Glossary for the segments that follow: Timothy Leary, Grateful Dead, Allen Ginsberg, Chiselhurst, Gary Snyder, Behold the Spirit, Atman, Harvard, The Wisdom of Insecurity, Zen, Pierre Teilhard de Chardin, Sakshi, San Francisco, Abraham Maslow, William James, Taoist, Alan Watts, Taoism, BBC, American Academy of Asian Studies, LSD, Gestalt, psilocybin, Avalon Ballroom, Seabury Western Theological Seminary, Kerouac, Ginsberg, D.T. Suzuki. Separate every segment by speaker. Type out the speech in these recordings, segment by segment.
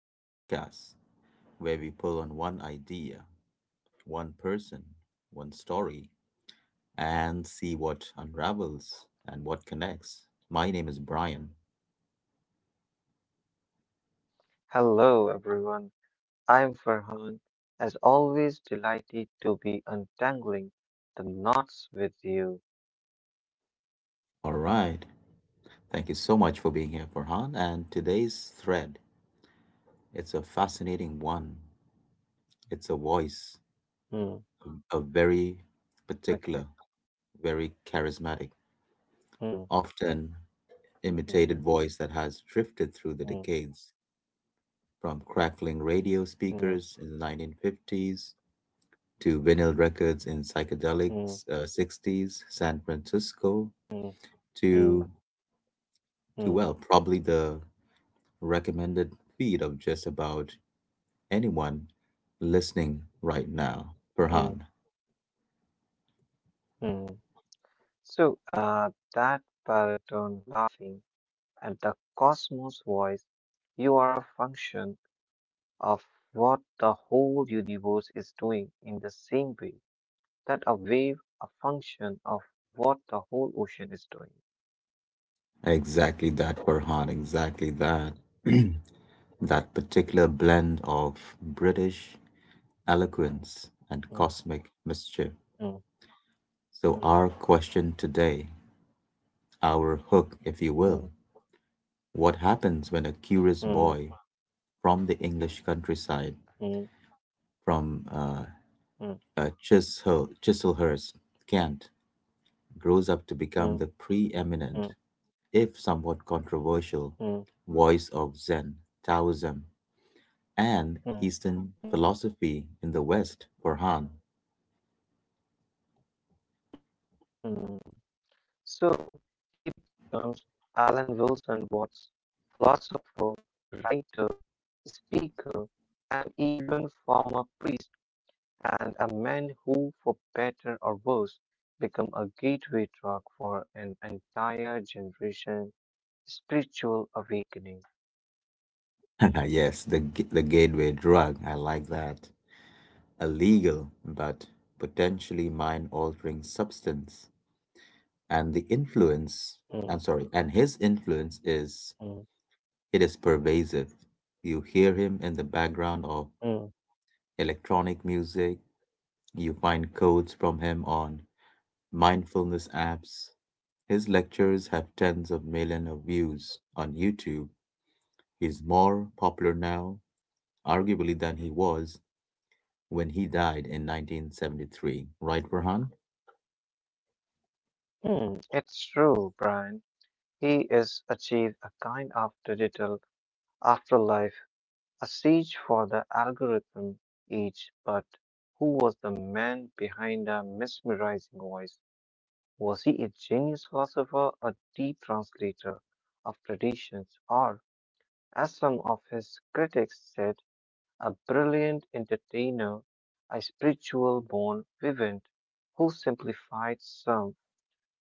Speaker 1: a podcast where we pull on one idea, one person, one story, and see what unravels and what connects. My name is Brian.
Speaker 2: Hello, everyone. I'm Farhan. As always, delighted to be untangling the knots with you.
Speaker 1: All right. Thank you so much for being here, Farhan. And today's thread, it's a fascinating one. It's a voice,
Speaker 2: Hmm.
Speaker 1: a very
Speaker 2: Okay.
Speaker 1: particular, very charismatic,
Speaker 2: Hmm.
Speaker 1: often
Speaker 2: Hmm.
Speaker 1: imitated voice that has drifted
Speaker 2: Hmm.
Speaker 1: through the decades, from crackling
Speaker 2: Hmm.
Speaker 1: radio speakers in the 1950s to vinyl records in
Speaker 2: Hmm.
Speaker 1: psychedelic 60s, San Francisco,
Speaker 2: Hmm. Hmm.
Speaker 1: to
Speaker 2: Hmm.
Speaker 1: well, probably the recommended feed of just about anyone listening right now,
Speaker 2: Hmm.
Speaker 1: Farhan.
Speaker 2: Hmm. So, that baritone laughing at the cosmos voice, you are a function of what the whole universe is doing in the same way that a wave, a function of what the whole ocean is doing.
Speaker 1: Exactly that, Farhan. Exactly that. That particular blend of British eloquence and
Speaker 2: Mm,
Speaker 1: cosmic mischief.
Speaker 2: mm,
Speaker 1: So, our
Speaker 2: mm,
Speaker 1: question today. Our hook, if you will.
Speaker 2: mm,
Speaker 1: What happens when a curious
Speaker 2: mm,
Speaker 1: boy from the English countryside,
Speaker 2: mm,
Speaker 1: from
Speaker 2: mm,
Speaker 1: Chiselhurst, Kent, grows up to
Speaker 2: mm,
Speaker 1: become the preeminent, if somewhat controversial,
Speaker 2: mm,
Speaker 1: voice of Zen, Taoism, and
Speaker 2: mm, mm,
Speaker 1: Eastern
Speaker 2: mm,
Speaker 1: philosophy in the West, for Han?
Speaker 2: mm. So he becomes Alan Wilson Watts, philosopher, writer, speaker, and even former priest, and a man who, for better or worse, became a gateway drug for an entire generation spiritual awakening.
Speaker 1: Yes, the gateway drug. I like that. A legal but potentially mind altering substance, and the influence
Speaker 2: Mm,
Speaker 1: I'm sorry and his influence
Speaker 2: mm,
Speaker 1: is pervasive. You hear him in the background of
Speaker 2: mm,
Speaker 1: electronic music. You find quotes from him on mindfulness apps. His lectures have tens of millions of views on YouTube. He's more popular now, arguably, than he was when he died in 1973, right, Rahan?
Speaker 2: mm. It's true, Brian. He is achieved a kind of digital afterlife, a siege for the algorithm age. But who was the man behind the mesmerizing voice? Was he a genius philosopher, a deep translator of traditions, or, as some of his critics said, a brilliant entertainer, a spiritual born vivant who simplified some?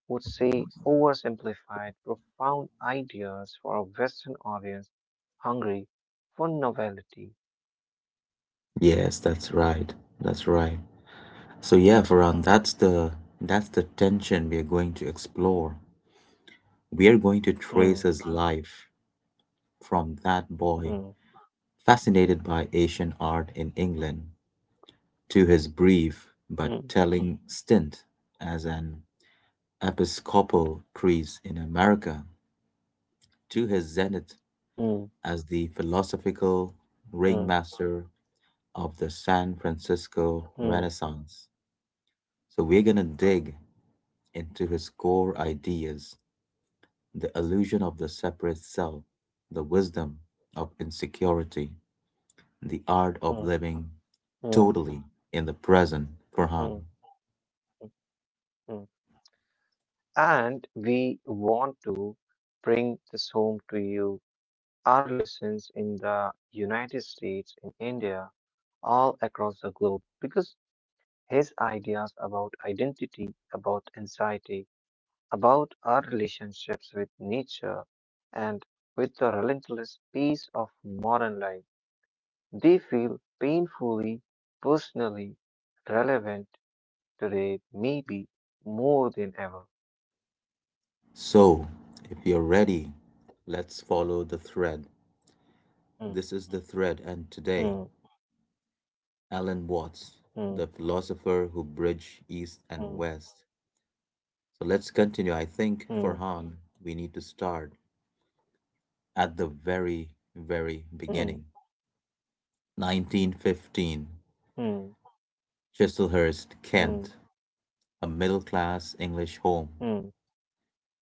Speaker 2: Would say oversimplified, profound ideas for a Western audience hungry for novelty.
Speaker 1: Yes, that's right. That's right. So, yeah,
Speaker 2: Mm,
Speaker 1: Farhan, that's the tension we are going to explore. We are going to trace
Speaker 2: mm,
Speaker 1: his life from that boy
Speaker 2: mm,
Speaker 1: fascinated by Asian art in England, to his brief
Speaker 2: mm,
Speaker 1: but telling stint as an Episcopal priest in America, to his zenith
Speaker 2: mm,
Speaker 1: as the philosophical
Speaker 2: mm,
Speaker 1: ringmaster of the San
Speaker 2: mm,
Speaker 1: Francisco Renaissance. So we're going to dig into his core ideas: the illusion of the separate self, the wisdom of insecurity, the art
Speaker 2: mm,
Speaker 1: of living
Speaker 2: mm,
Speaker 1: totally in the present,
Speaker 2: mm,
Speaker 1: Farhan.
Speaker 2: mm, mm. And we want to bring this home to you, our listeners in the United States, in India, all across the globe, because his ideas about identity, about anxiety, about our relationships with nature and with the relentless pace of modern life. They feel painfully, personally relevant today, maybe more than ever.
Speaker 1: So, if you're ready, let's follow the thread.
Speaker 2: Hmm,
Speaker 1: This is the thread,
Speaker 2: hmm,
Speaker 1: and today, Alan
Speaker 2: hmm,
Speaker 1: Watts, the philosopher who bridged
Speaker 2: hmm,
Speaker 1: East and West. So, let's continue. I
Speaker 2: hmm,
Speaker 1: think, Farhan, we need to start at the very, very
Speaker 2: hmm,
Speaker 1: beginning. 1915,
Speaker 2: hmm,
Speaker 1: Chiselhurst,
Speaker 2: hmm,
Speaker 1: Kent, a middle class English home,
Speaker 2: hmm,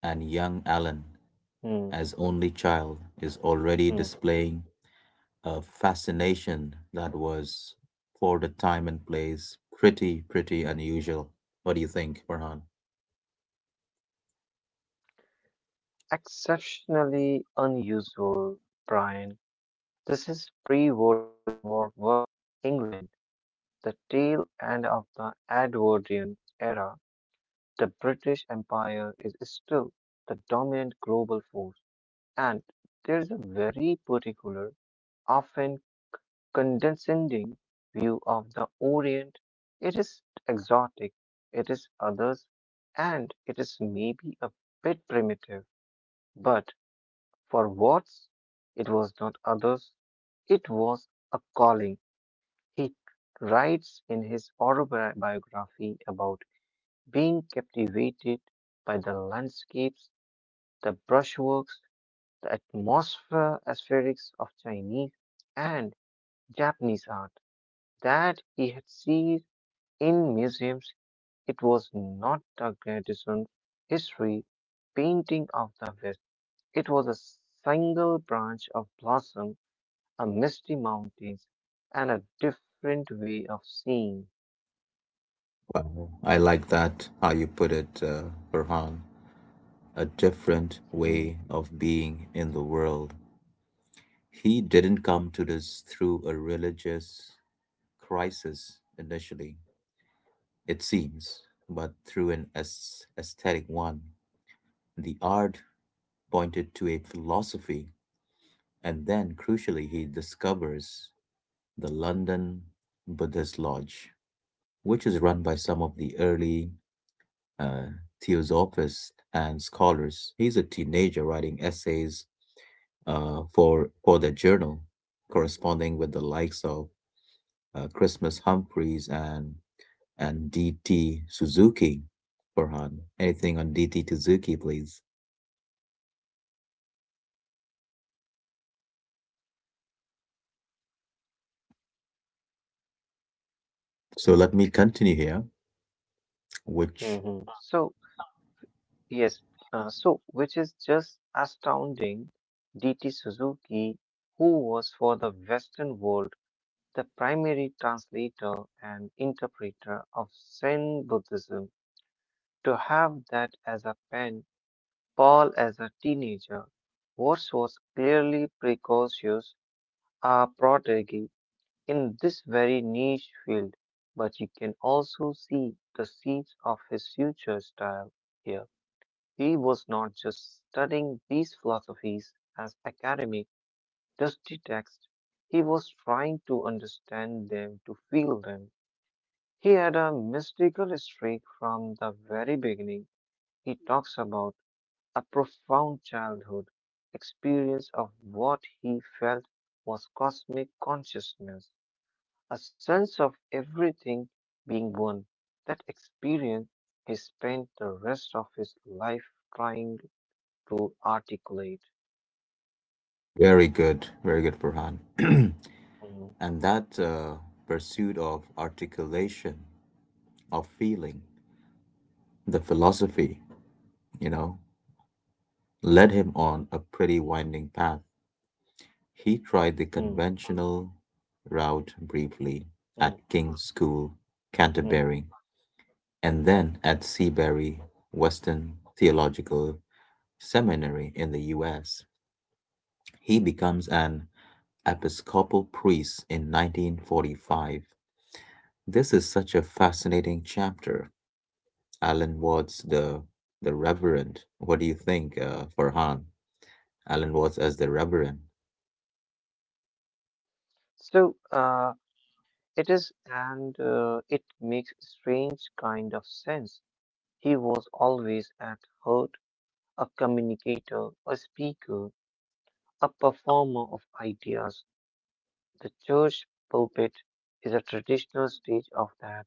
Speaker 1: and young Alan,
Speaker 2: hmm,
Speaker 1: as only child, is
Speaker 2: hmm.
Speaker 1: already displaying a fascination that was, for the time and place, pretty, pretty unusual. What do you think, Farhan?
Speaker 2: Exceptionally unusual, Brian. This is pre-World War One England, the tail end of the Edwardian era. The British Empire is still the dominant global force, and there is a very particular, often condescending view of the Orient. It is exotic, it is others, and it is maybe a bit primitive, but for Watts, it was not others, it was a calling. He writes in his autobiography about being captivated by the landscapes, the brushworks, the atmosphere aesthetics of Chinese and Japanese art that he had seen in museums. It was not the Grandison history painting of the West. It was a single branch of blossom, a misty mountains, and a different way of seeing.
Speaker 1: I like that, how you put it, Farhan. A different
Speaker 2: Mhm,
Speaker 1: way of being in the world. He didn't come to this through a religious crisis initially, it seems, but through an aesthetic one. The art pointed to a philosophy, and then, crucially, he discovers the London Buddhist Lodge, which is run by some of the early uh, theosophists and scholars. He's a teenager writing essays for the journal, corresponding with the likes of Christmas Humphreys and, D.T. Suzuki. Farhan, anything on D.T. Suzuki, please? So let me continue here, which.
Speaker 2: mhm. So, yes. So, which is just astounding, D.T. Suzuki, who was for the Western world the primary translator and interpreter of Zen Buddhism, to have that as a pen, Paul as a teenager. Watts was clearly precocious, a prodigy in this very niche field, but you can also see the seeds of his future style here. He was not just studying these philosophies as academic, dusty texts, he was trying to understand them, to feel them. He had a mystical streak from the very beginning. He talks about a profound childhood experience of what he felt was cosmic consciousness, a sense of everything being one. That experience he spent the rest of his life trying to articulate.
Speaker 1: Very good, very good, Farhan.
Speaker 2: Mm,
Speaker 1: And that pursuit of articulation, of feeling, the philosophy, you know, led him on a pretty winding path. He tried the
Speaker 2: mm,
Speaker 1: conventional route briefly at
Speaker 2: mm,
Speaker 1: King's School,
Speaker 2: mm.
Speaker 1: Canterbury, and then at Seabury Western Theological Seminary in the US. He becomes an Episcopal priest in 1945. This is such a fascinating chapter. Alan Watts, the Reverend. What do you think, Farhan? Alan Watts as the Reverend.
Speaker 2: So it is, and it makes strange kind of sense. He was always at heart a communicator, a speaker, a performer of ideas. The church pulpit is a traditional stage of that,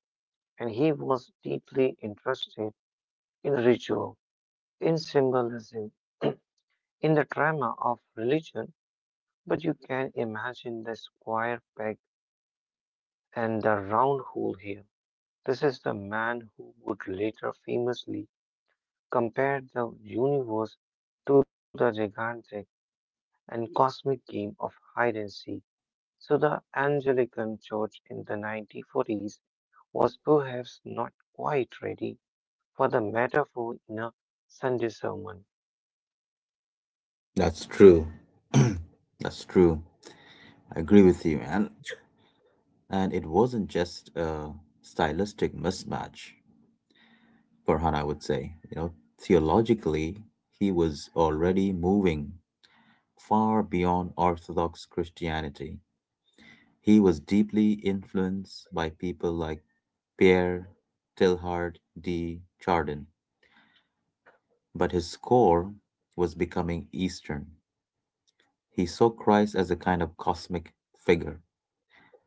Speaker 2: and he was deeply interested in ritual, in symbolism, in the drama of religion. But you can imagine the square peg and the round hole here. This is the man who would later famously compare the universe to the gigantic and cosmic game of hide and seek. So, the Anglican Church in the 1940s was perhaps not quite ready for the metaphor in a Sunday sermon.
Speaker 1: That's true. That's true. I agree with you. and it wasn't just a stylistic mismatch. Farhan, I would say, theologically, he was already moving far beyond Orthodox Christianity. He was deeply influenced by people like Pierre Teilhard de Chardin, but his score was becoming Eastern. He saw Christ as a kind of cosmic figure,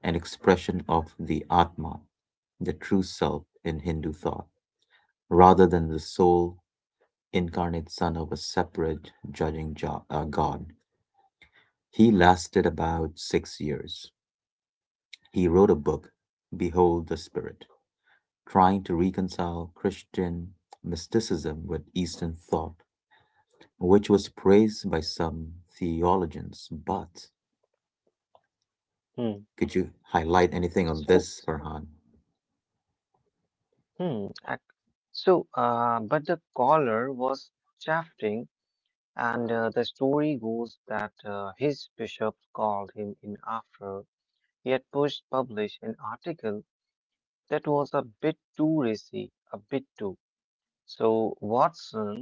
Speaker 1: an expression of the Atman, the true self in Hindu thought, rather than the sole incarnate son of a separate judging God. He lasted about 6 years. He wrote a book, Behold the Spirit, trying to reconcile Christian mysticism with Eastern thought, which was praised by some theologians. But could
Speaker 2: Hmm.
Speaker 1: you highlight anything on this,
Speaker 2: So,
Speaker 1: Farhan?
Speaker 2: hmm, ac- but the caller was shafting. And the story goes that his bishop called him in after he had pushed publish an article that was a bit too racy, a bit too. So Watson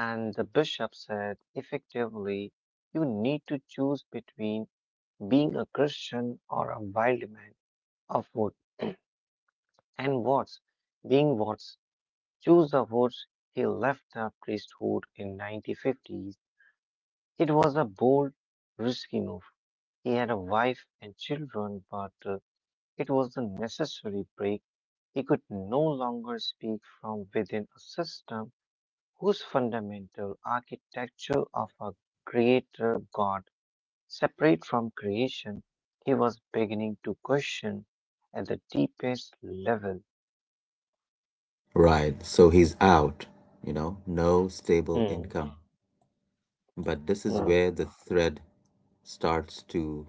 Speaker 2: and the bishop said effectively, you need to choose between being a Christian or a wild man of wood. And Watts, being Watts, chose the woods. He left the priesthood in 1950s. It was a bold, risky move. He had a wife and children, but it was a necessary break. He could no longer speak from within a system whose fundamental architecture of a creator God separate from creation. He was beginning to question at the deepest level.
Speaker 1: Right, so he's out, no stable
Speaker 2: Hmm,
Speaker 1: income. But this is
Speaker 2: hmm,
Speaker 1: where the thread starts to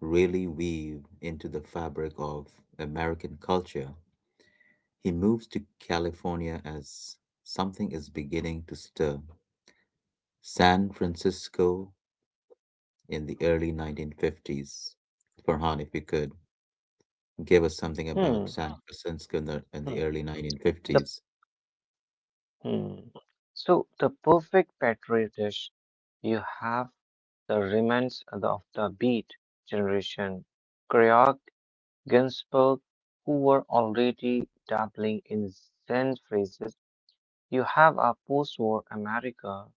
Speaker 1: really weave into the fabric of American culture. He moves to California as something is beginning to stir. San Francisco in the early 1950s. Farhan, if you could give us something about
Speaker 2: hmm,
Speaker 1: Francisco in the
Speaker 2: hmm.
Speaker 1: early
Speaker 2: The
Speaker 1: 1950s.
Speaker 2: Hmm. So the perfect patri dish you have the remnants of the Beat generation, Kerouac, Ginsberg, who were already dabbling in Zen phrases. You have a post-war America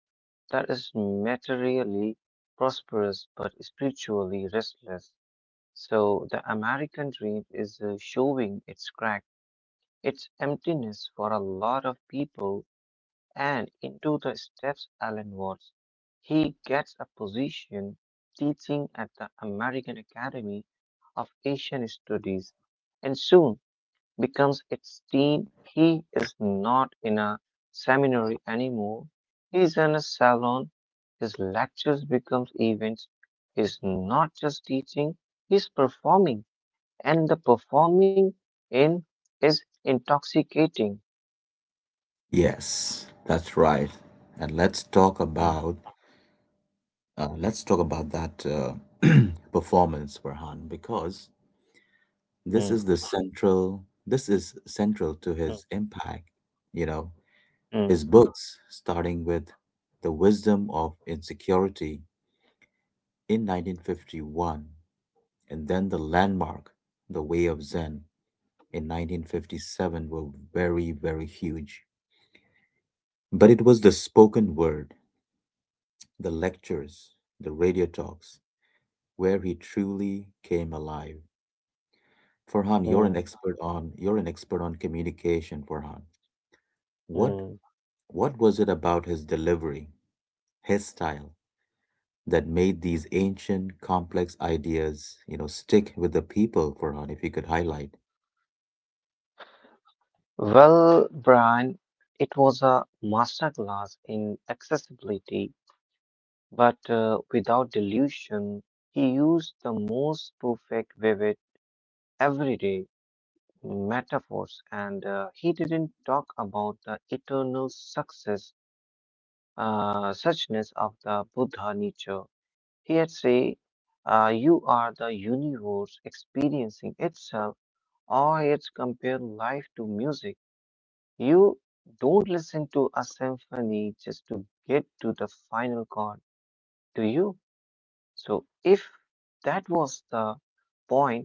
Speaker 2: that is materially prosperous but spiritually restless. So the American dream is showing its crack, its emptiness for a lot of people and into the steps Allen Watts. He gets a position teaching at the American Academy of Asian Studies and soon becomes its dean. He is not in a seminary anymore. He's in a salon. His lectures become events. He's not just teaching, he's performing. And the performing in is intoxicating.
Speaker 1: Yes, that's right. And let's talk
Speaker 2: Mm,
Speaker 1: about that performance, Farhan, because this is
Speaker 2: mm,
Speaker 1: the central this is central to his
Speaker 2: mm,
Speaker 1: impact. You know,
Speaker 2: mm,
Speaker 1: his
Speaker 2: mm.
Speaker 1: books, starting with The Wisdom of Insecurity in 1951, and then the landmark, The Way of Zen in 1957, were very, very huge. But it was the spoken word, the lectures, the radio talks, where he truly came alive. Farhan, you're an
Speaker 2: Mm.
Speaker 1: expert on you're an expert on communication, Farhan. what
Speaker 2: Mm.
Speaker 1: What was it about his delivery, his style, that made these ancient, complex ideas, stick with the people, Farhan, if you could highlight?
Speaker 2: Well, Brian, it was a masterclass in accessibility, but without delusion, he used the most perfect, vivid, everyday metaphors, and he didn't talk about the eternal success, suchness of the Buddha nature. He had say, "You are the universe experiencing itself, or it's compared life to music." You don't listen to a symphony just to get to the final chord, do you? So, if that was the point,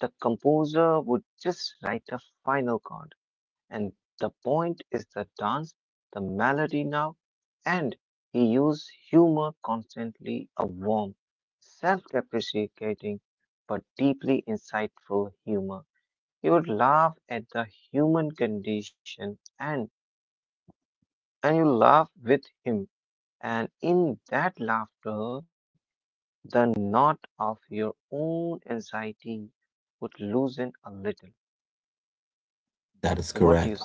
Speaker 2: the composer would just write a final chord. And the point is the dance, the melody now, and he used humor constantly, a warm, self depreciating, but deeply insightful humor. He would laugh at the human condition and you laugh with him. And in that laughter, the knot of your own anxiety would loosen a little. So,
Speaker 1: That
Speaker 2: what
Speaker 1: is
Speaker 2: do you
Speaker 1: correct.
Speaker 2: say?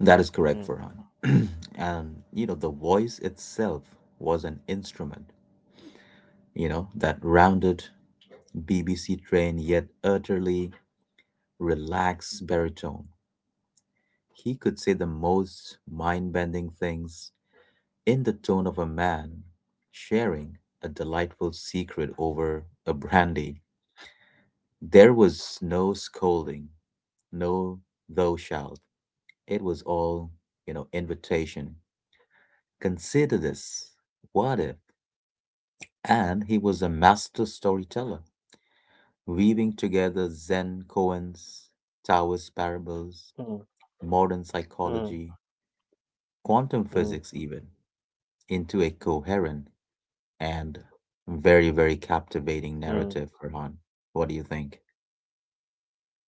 Speaker 1: That is correct,
Speaker 2: Hmm,
Speaker 1: Farhan. And the voice itself was an instrument, that rounded, BBC trained, yet utterly relaxed baritone. He could say the most mind bending things in the tone of a man sharing a delightful secret over a brandy. There was no scolding, no thou shalt. It was all, invitation. Consider this. What if? And he was a master storyteller, weaving together Zen koans, Taoist parables, modern
Speaker 2: hmm,
Speaker 1: psychology,
Speaker 2: hmm,
Speaker 1: quantum physics, even,
Speaker 2: hmm,
Speaker 1: into a coherent and very, very
Speaker 2: hmm,
Speaker 1: captivating narrative, Farhan. What do you think?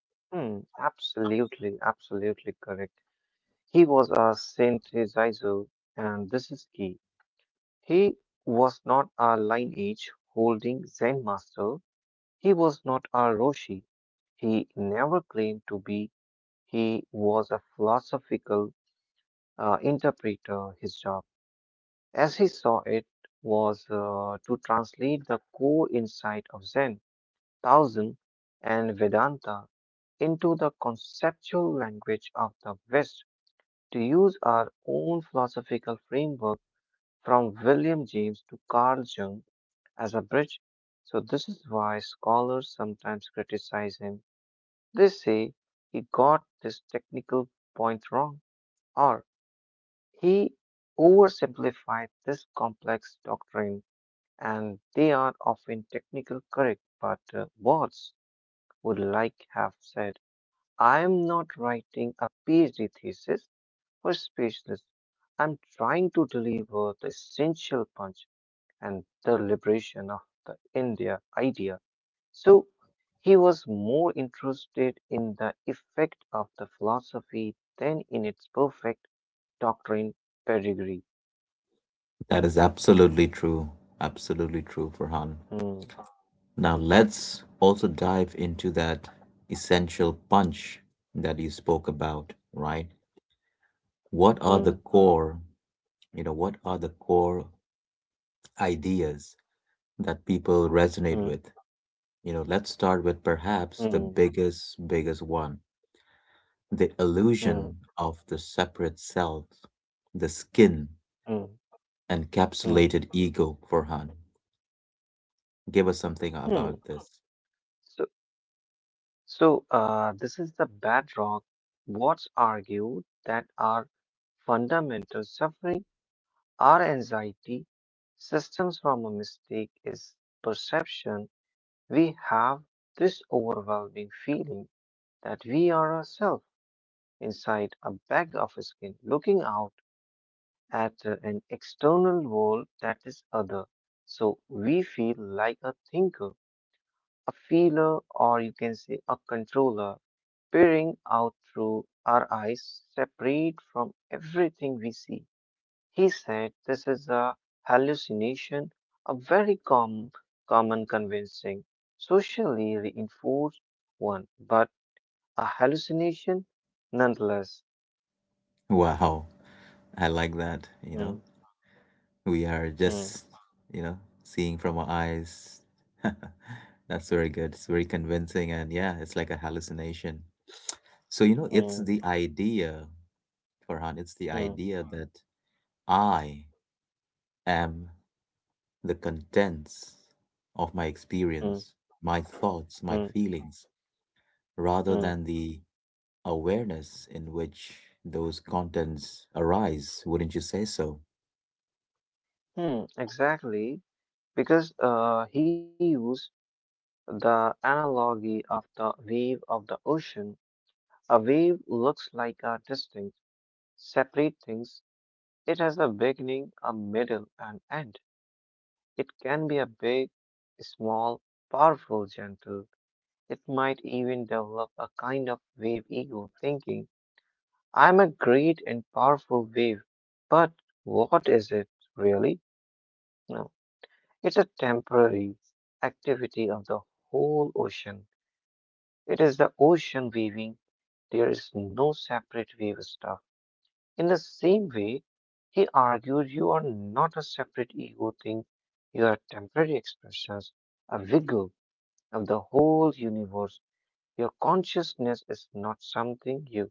Speaker 2: hmm. Absolutely, absolutely correct. He was a synthesizer, and this is key. He was not a lineage holding Zen master. He was not a Roshi. He never claimed to be. He was a philosophical interpreter. His job, as he saw it, was to translate the core insight of Zen, Taoism, and Vedanta into the conceptual language of the West. To use our own philosophical framework from William James to Carl Jung as a bridge. So, this is why scholars sometimes criticize him. They say he got this technical point wrong. Or he oversimplified this complex doctrine, and they are often technical correct, but Watts would like have said, I am not writing a PhD thesis for specialists. I'm trying to deliver the essential punch and the liberation of the India idea. So he was more interested in the effect of the philosophy than in its perfect doctrine pedigree.
Speaker 1: That is absolutely true. Absolutely true, Farhan.
Speaker 2: Hmm.
Speaker 1: Now let's also dive into that essential punch that you spoke about, right? What are
Speaker 2: Mm,
Speaker 1: the core ideas that people resonate
Speaker 2: mm,
Speaker 1: with? Let's start with perhaps the
Speaker 2: mm,
Speaker 1: biggest, biggest one, the illusion
Speaker 2: mm,
Speaker 1: of the separate self, the skin
Speaker 2: mm,
Speaker 1: encapsulated
Speaker 2: mm,
Speaker 1: ego, Farhan. Give us something about
Speaker 2: hmm.
Speaker 1: this.
Speaker 2: So, so, this is the bedrock. What's argued that our fundamental suffering, our anxiety, systems from a mistake is perception. We have this overwhelming feeling that we are ourselves inside a bag of skin, looking out at an external world that is other. So we feel like a thinker a feeler, or you can say a controller, peering out through our eyes, separate from everything we see. He said this is a hallucination, a very common, convincing, socially reinforced one, but a hallucination nonetheless.
Speaker 1: Wow, I like that. You know,
Speaker 2: Mm,
Speaker 1: we are
Speaker 2: mm,
Speaker 1: just, seeing from our eyes. That's very good. It's very convincing, and, yeah, it's like a hallucination. So, it's the
Speaker 2: mm,
Speaker 1: idea, Farhan. It's the
Speaker 2: mm,
Speaker 1: idea that I am the contents of my experience,
Speaker 2: mm,
Speaker 1: my thoughts, my
Speaker 2: mm,
Speaker 1: feelings, rather than
Speaker 2: mm,
Speaker 1: the awareness in which those contents arise, wouldn't you say so?
Speaker 2: mm, exactly, because he used the analogy of the wave of the ocean. A wave looks like a distinct, separate things. It has a beginning, a middle, and end. It can be a big, small, powerful, gentle. It might even develop a kind of wave ego thinking. I'm a great and powerful wave, but what is it really? No, it's a temporary activity of the whole ocean. It is the ocean waving. There is no separate wave stuff. In the same way, he argued you are not a separate ego thing, you are temporary expressions, a wiggle of the whole universe. Your consciousness is not something you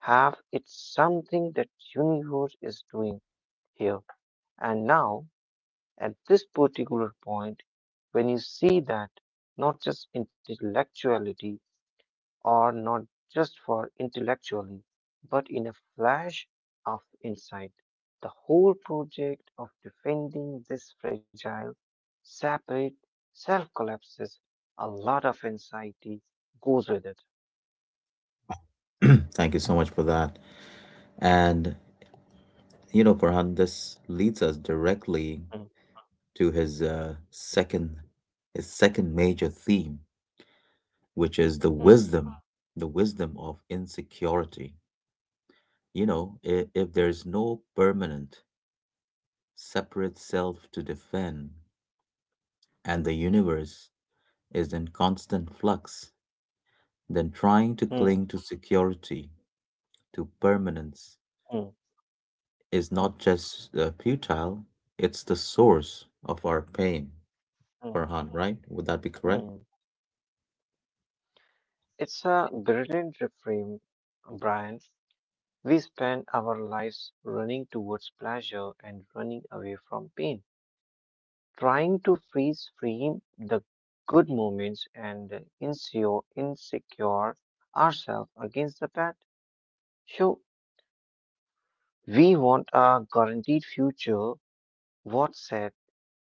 Speaker 2: have, it's something that universe is doing here. And now, at this particular point, when you see that, not just intellectuality, or not just for intellectually, but in a flash of insight. The whole project of defending this fragile, separate self collapses, a lot of anxiety goes with it.
Speaker 1: Thank you so much for that. And, Farhan, this leads us directly
Speaker 2: Mm,
Speaker 1: to his second major theme, which is
Speaker 2: mm,
Speaker 1: the wisdom of insecurity. If there's no permanent, separate self to defend, and the universe is in constant flux, then trying to cling
Speaker 2: mm,
Speaker 1: to security, to permanence,
Speaker 2: mm,
Speaker 1: is
Speaker 2: mm,
Speaker 1: not just futile, it's the source of our pain,
Speaker 2: mm,
Speaker 1: Farhan, right? Would that be correct?
Speaker 2: mm. It's a brilliant reframe, Brian. We spend our lives running towards pleasure and running away from pain, trying to freeze frame the good moments and insecure ourselves against the bad. So we want a guaranteed future. What said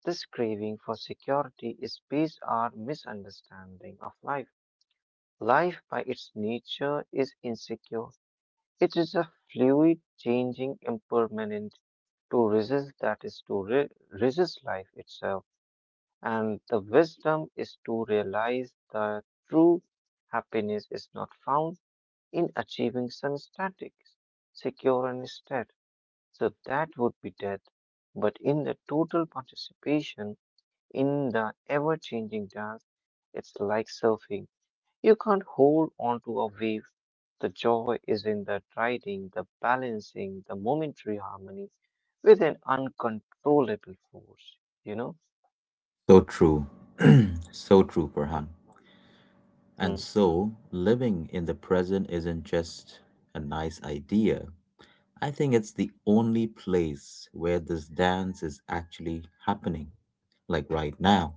Speaker 2: this craving for security is based on misunderstanding of life. Life by its nature is insecure. It is a fluid, changing, impermanent. To resist that is to resist life itself. And the wisdom is to realize that true happiness is not found in achieving some static, secure, and state. So that would be death, but in the total participation in the ever changing dance, it's like surfing. You can't hold on to a wave. The joy is in the riding, the balancing, the momentary harmony with an uncontrollable force, you know?
Speaker 1: So true. So true, Farhan.
Speaker 2: Mm,
Speaker 1: And
Speaker 2: mm,
Speaker 1: so, living in the present isn't just a nice idea. I think it's the only place where this dance is actually happening. Like right now,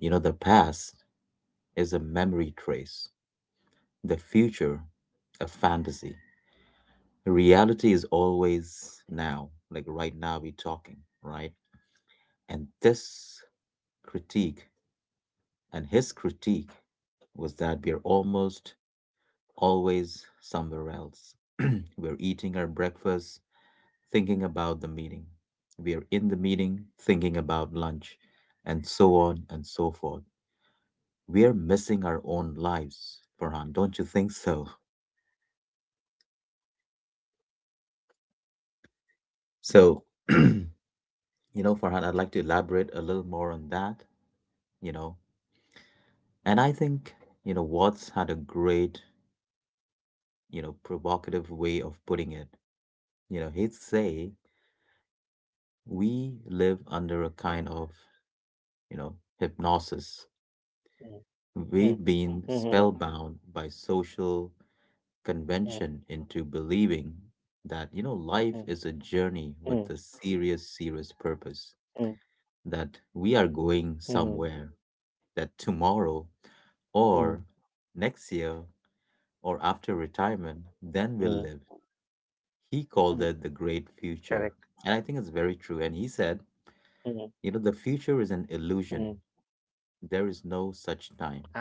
Speaker 1: the past is a memory trace, the future, a fantasy. Reality is always now, like right now we're talking, right? And this critique and his critique was that we're almost always somewhere else. We're eating our breakfast thinking about the meeting, we're in the meeting thinking about lunch, and so on and so forth. We're missing our own lives, Farhan, don't you think so? So, you know farhan, I'd like to elaborate a little more on that you know And I think, Watts had a great, provocative way of putting it. He'd say, we live under a kind of, hypnosis.
Speaker 2: mm, mm.
Speaker 1: We've
Speaker 2: Mhm,
Speaker 1: been spellbound by social
Speaker 2: mhm,
Speaker 1: convention into believing
Speaker 2: mhm,
Speaker 1: that, life is a
Speaker 2: mhm,
Speaker 1: journey with a serious, serious
Speaker 2: mhm,
Speaker 1: purpose, that we
Speaker 2: mhm,
Speaker 1: are
Speaker 2: mhm,
Speaker 1: going somewhere, that tomorrow
Speaker 2: mhm,
Speaker 1: or next year or after retirement,
Speaker 2: mhm,
Speaker 1: then we'll live.
Speaker 2: mhm.
Speaker 1: He called it the
Speaker 2: Correct.
Speaker 1: great future. And I think it's very true. And he said,
Speaker 2: Mhm,
Speaker 1: the future is
Speaker 2: mhm.
Speaker 1: an illusion. There is no such time.
Speaker 2: Absolutely.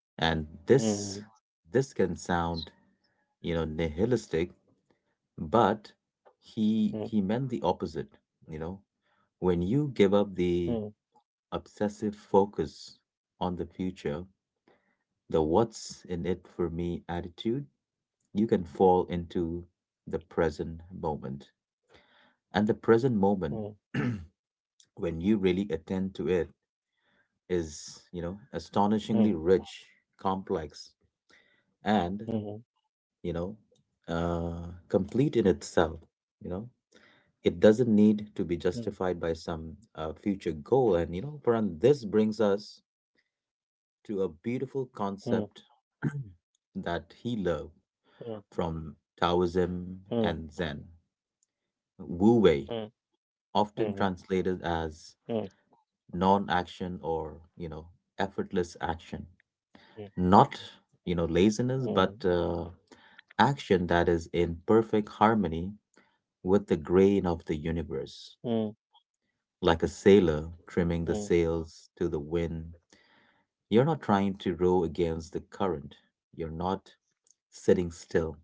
Speaker 2: Mhm,
Speaker 1: And this can sound, nihilistic, but
Speaker 2: mhm,
Speaker 1: he meant the opposite, you know. When you give
Speaker 2: mhm,
Speaker 1: up the obsessive focus on the future, the what's in it for me attitude, you can fall into the present moment. And the present moment, when you really attend to it, is
Speaker 2: mhm,
Speaker 1: astonishingly rich, complex,
Speaker 2: mhm,
Speaker 1: and you know complete in itself. you know it doesn't
Speaker 2: mhm,
Speaker 1: need to be justified by some future goal. And Paran, this brings us to a
Speaker 2: mhm, mhm,
Speaker 1: beautiful concept that he loved
Speaker 2: mhm,
Speaker 1: from Taoism and Zen:
Speaker 2: mhm,
Speaker 1: wu wei,
Speaker 2: mhm,
Speaker 1: often
Speaker 2: mhm, mhm,
Speaker 1: translated
Speaker 2: mhm, mhm,
Speaker 1: as non-action, or effortless action. Not laziness, but action that is in perfect harmony with the grain of the universe, like a sailor
Speaker 2: mhm,
Speaker 1: trimming the sails to the wind. You're not trying to row against the current, you're not sitting
Speaker 2: mhm,
Speaker 1: still,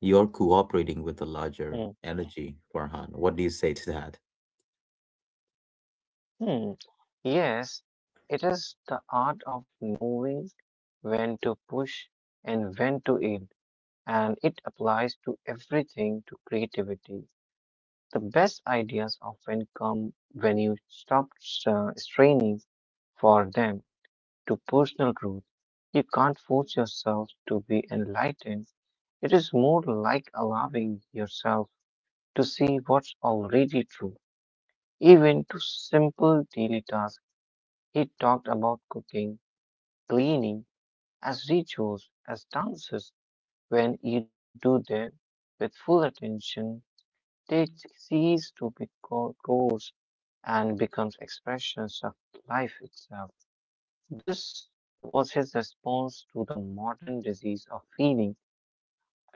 Speaker 1: you're cooperating with the
Speaker 2: mhm,
Speaker 1: larger energy. Farhan, what do you say to that?
Speaker 2: mhm. Yes, it is the art of knowing when to push and when to aid, and it applies to everything to creativity. The best ideas often come when you stop straining for them to personal growth. You can't force yourself to be enlightened. It is more like allowing yourself to see what's already true, even to simple daily tasks. He talked about cooking, cleaning as rituals, as dances. When you do them with full attention, they cease to be codes and becomes expressions of life itself. This was his response to the modern disease of feeling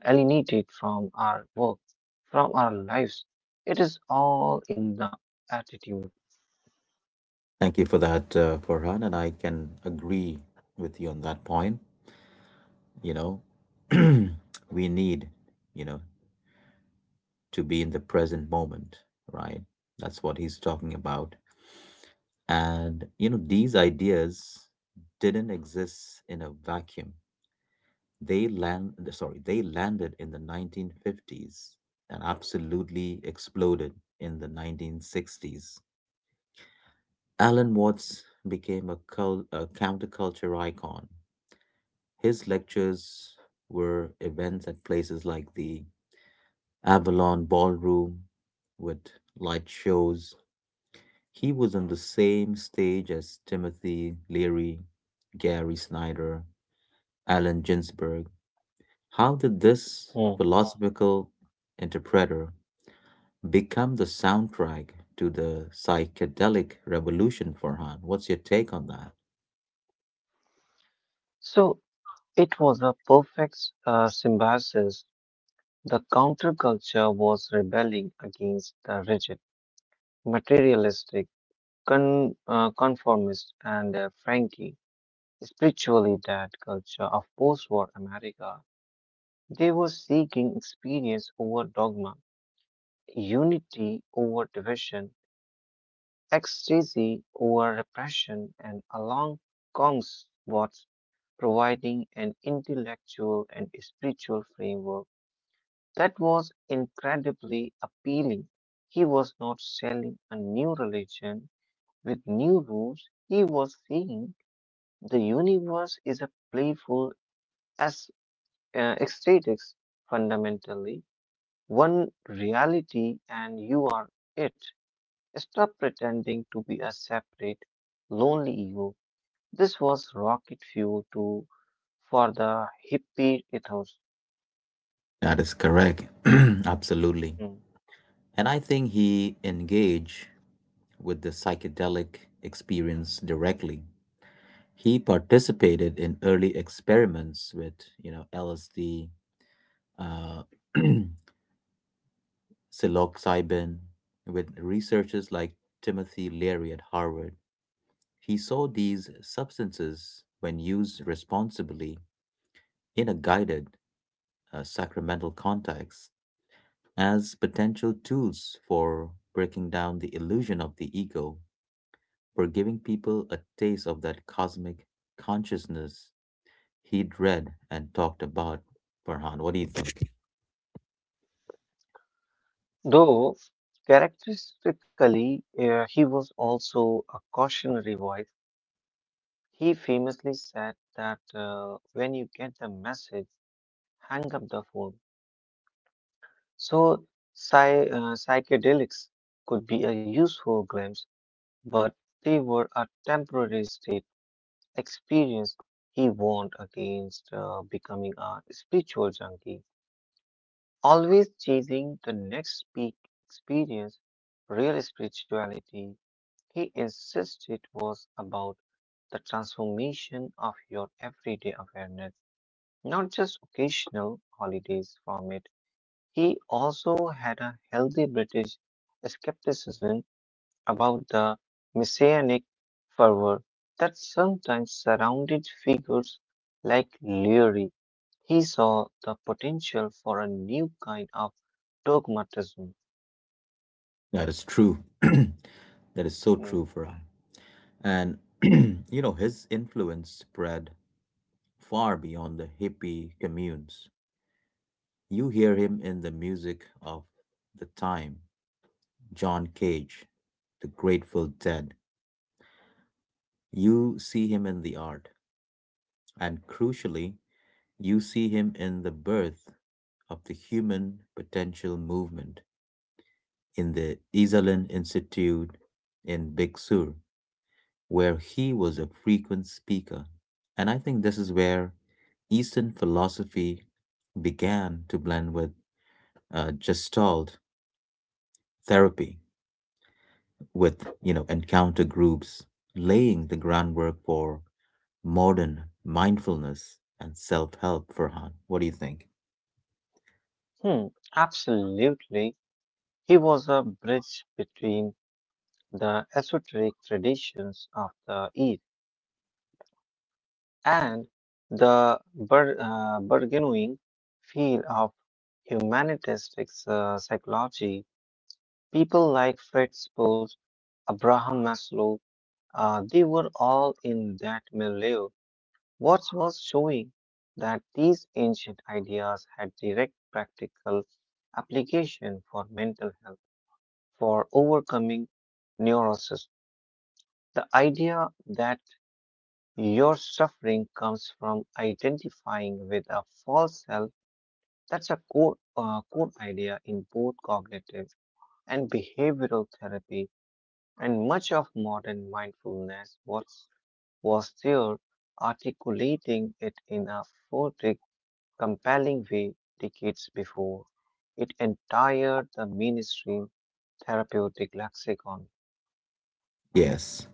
Speaker 2: alienated from our work, from our lives. It is all in the attitude.
Speaker 1: Thank you for that, Farhan, and I can agree with you on that point. you know we need, you know to be in the present moment, right? That's what he's talking about. And, you know, these ideas didn't exist in a vacuum. They landed in the 1950s and absolutely exploded in the 1960s. Alan Watts became a, a counterculture icon. His lectures were events at places like the Avalon Ballroom, with light shows. He was on the same stage as Timothy Leary, Gary Snyder, Allen Ginsberg. How did this
Speaker 2: Hmm.
Speaker 1: philosophical interpreter become the soundtrack to the psychedelic revolution, Farhan? What's your take on that?
Speaker 2: So it was a perfect symbiosis. The counterculture was rebelling against the rigid, materialistic, conformist, and frank spiritually that culture of post-war America. They were seeking experience over dogma, unity over division, ecstasy over repression, and along comes was providing an intellectual and spiritual framework that was incredibly appealing. He was not selling a new religion with new rules. He was saying the universe is a playful aesthetics, fundamentally one reality, and you are it. Stop pretending to be a separate, lonely ego. This was rocket fuel to for the hippie ethos.
Speaker 1: That is correct. Absolutely.
Speaker 2: Mm.
Speaker 1: And I think he engaged with the psychedelic experience directly. He participated in early experiments with, you know, LSD, uh, psilocybin, with researchers like Timothy Leary at Harvard. He saw these substances, when used responsibly in a guided sacramental context, as potential tools for breaking down the illusion of the ego, for giving people a taste of that cosmic consciousness he'd read and talked about. Farhan, what do you think?
Speaker 2: Though characteristically he was also a cautionary voice, he famously said that when you get the message, hang up the phone. So, psychedelics could be a useful glimpse, but they were a temporary state experience, he warned against becoming a spiritual junkie, always chasing the next peak experience. Real spirituality, he insisted, was about the transformation of your everyday awareness, not just occasional holidays from it. He also had a healthy British skepticism about the messianic fervor that sometimes surrounded figures like Leary. He saw the potential for a new kind of dogmatism.
Speaker 1: That is true. That is so
Speaker 2: Mm.
Speaker 1: true, Farhan. And, you know, his influence spread far beyond the hippie communes. You hear him in the music of the time, John Cage, the Grateful Dead. You see him in the art. And crucially, you see him in the birth of the human potential movement, in the Iselin Institute in Big Sur, where he was a frequent speaker. And I think this is where Eastern philosophy began to blend with Gestalt therapy, with encounter groups, laying the groundwork for modern mindfulness and self-help. Farhan, what do you think?
Speaker 2: Hmm, absolutely. He was a bridge between the esoteric traditions of the East and the burgeoning field of humanistic psychology. People like Fritz Perls, Abraham Maslow, they were all in that milieu. What was showing that these ancient ideas had direct practical application for mental health, for overcoming neurosis. The idea that your suffering comes from identifying with a false self. That's a core idea in both cognitive and behavioral therapy, and much of modern mindfulness was there articulating it in a poetic, compelling way decades before. It entered the mainstream therapeutic lexicon.
Speaker 1: Yes,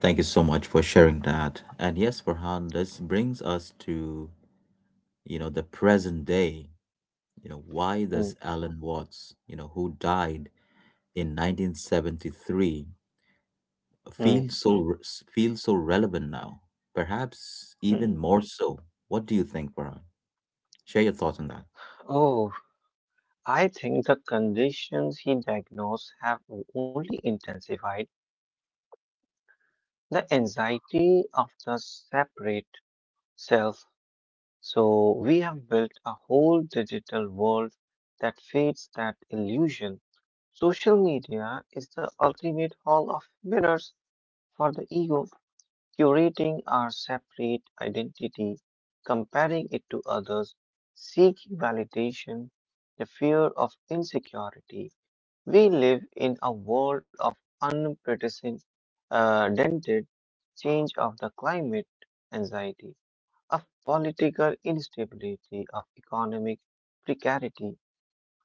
Speaker 1: thank you so much for sharing that. And yes, Farhan, this brings us to the present day. You know, why does
Speaker 2: Mm,
Speaker 1: Alan Watts, you know, who died in 1973,
Speaker 2: mm,
Speaker 1: feel so feel so relevant now, perhaps even
Speaker 2: mm.
Speaker 1: more so. What do you think, Farhan? Share your thoughts on that.
Speaker 2: Oh, I think the conditions he diagnosed have only intensified the anxiety of the separate self. So we have built a whole digital world that feeds that illusion. Social media is the ultimate hall of mirrors for the ego, curating our separate identity, comparing it to others, seeking validation, the fear of insecurity. We live in a world of unprecedented dented change, of the climate anxiety, of political instability, of economic precarity.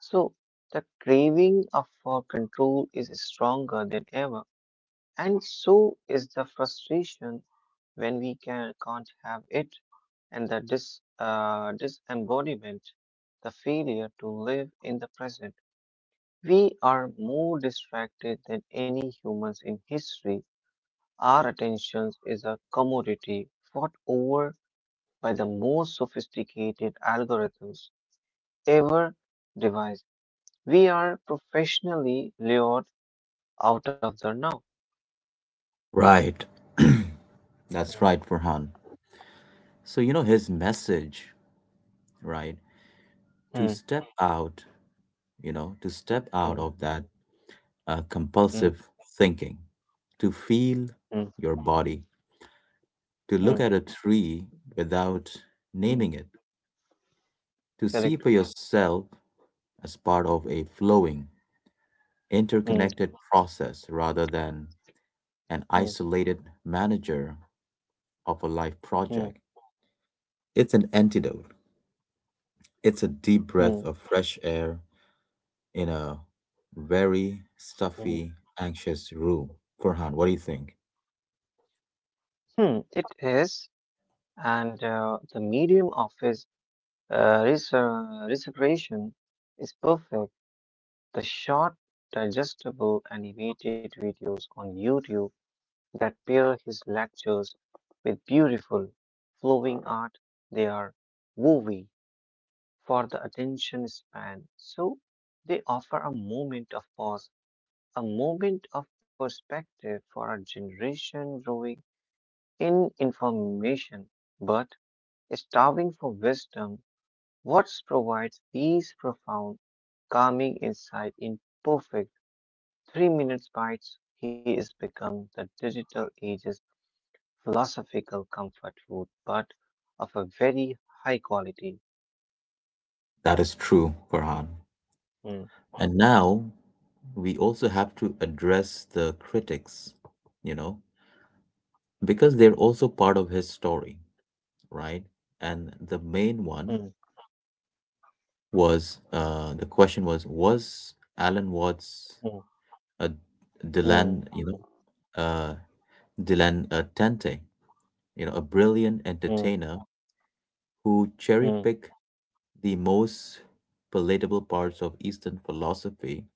Speaker 2: So the craving of, for control is stronger than ever, and so is the frustration when we can, can't have it, and the disembodiment, the failure to live in the present. We are more distracted than any humans in history. Our attention is a commodity fought over by the most sophisticated algorithms ever devised. We are professionally lured out of the now.
Speaker 1: Right.
Speaker 2: Mm,
Speaker 1: That's right, Farhan. So, you know, his message, right? To
Speaker 2: mm,
Speaker 1: step out, you know, to step
Speaker 2: mm,
Speaker 1: out of that
Speaker 2: mm,
Speaker 1: compulsive thinking, to feel
Speaker 2: mm,
Speaker 1: your body, to look
Speaker 2: mm,
Speaker 1: at a tree without
Speaker 2: mm.
Speaker 1: naming it, to see for
Speaker 2: Correct.
Speaker 1: yourself as part of a flowing
Speaker 2: Mm,
Speaker 1: interconnected process rather than
Speaker 2: mm,
Speaker 1: an isolated manager of a life
Speaker 2: mm,
Speaker 1: project. It's an antidote. It's a deep breath
Speaker 2: mm,
Speaker 1: of fresh air in a very
Speaker 2: mm.
Speaker 1: stuffy, anxious room. Farhan, what do you think?
Speaker 2: Mm, it is, and the medium of his reservation is perfect. The short, digestible, animated videos on YouTube that pair his lectures with beautiful, flowing art. They are wowy for the attention span, so they offer a moment of pause, a moment of perspective for a generation growing in information but starving for wisdom. Watts provides these profound, calming insight in perfect 3 minutes bites. He has become the digital age's philosophical comfort food, but of a very high quality.
Speaker 1: That is true, Farhan.
Speaker 2: Mm,
Speaker 1: And now we also have to address the critics, you know, because they're also part of his story, right? And the main
Speaker 2: mm,
Speaker 1: one was, the question was Alan Watts
Speaker 2: mm,
Speaker 1: a
Speaker 2: mm,
Speaker 1: Dylan, know uh, Dylan Tente, a brilliant
Speaker 2: mm,
Speaker 1: entertainer who
Speaker 2: mm,
Speaker 1: cherry picked the most palatable parts of Eastern philosophy,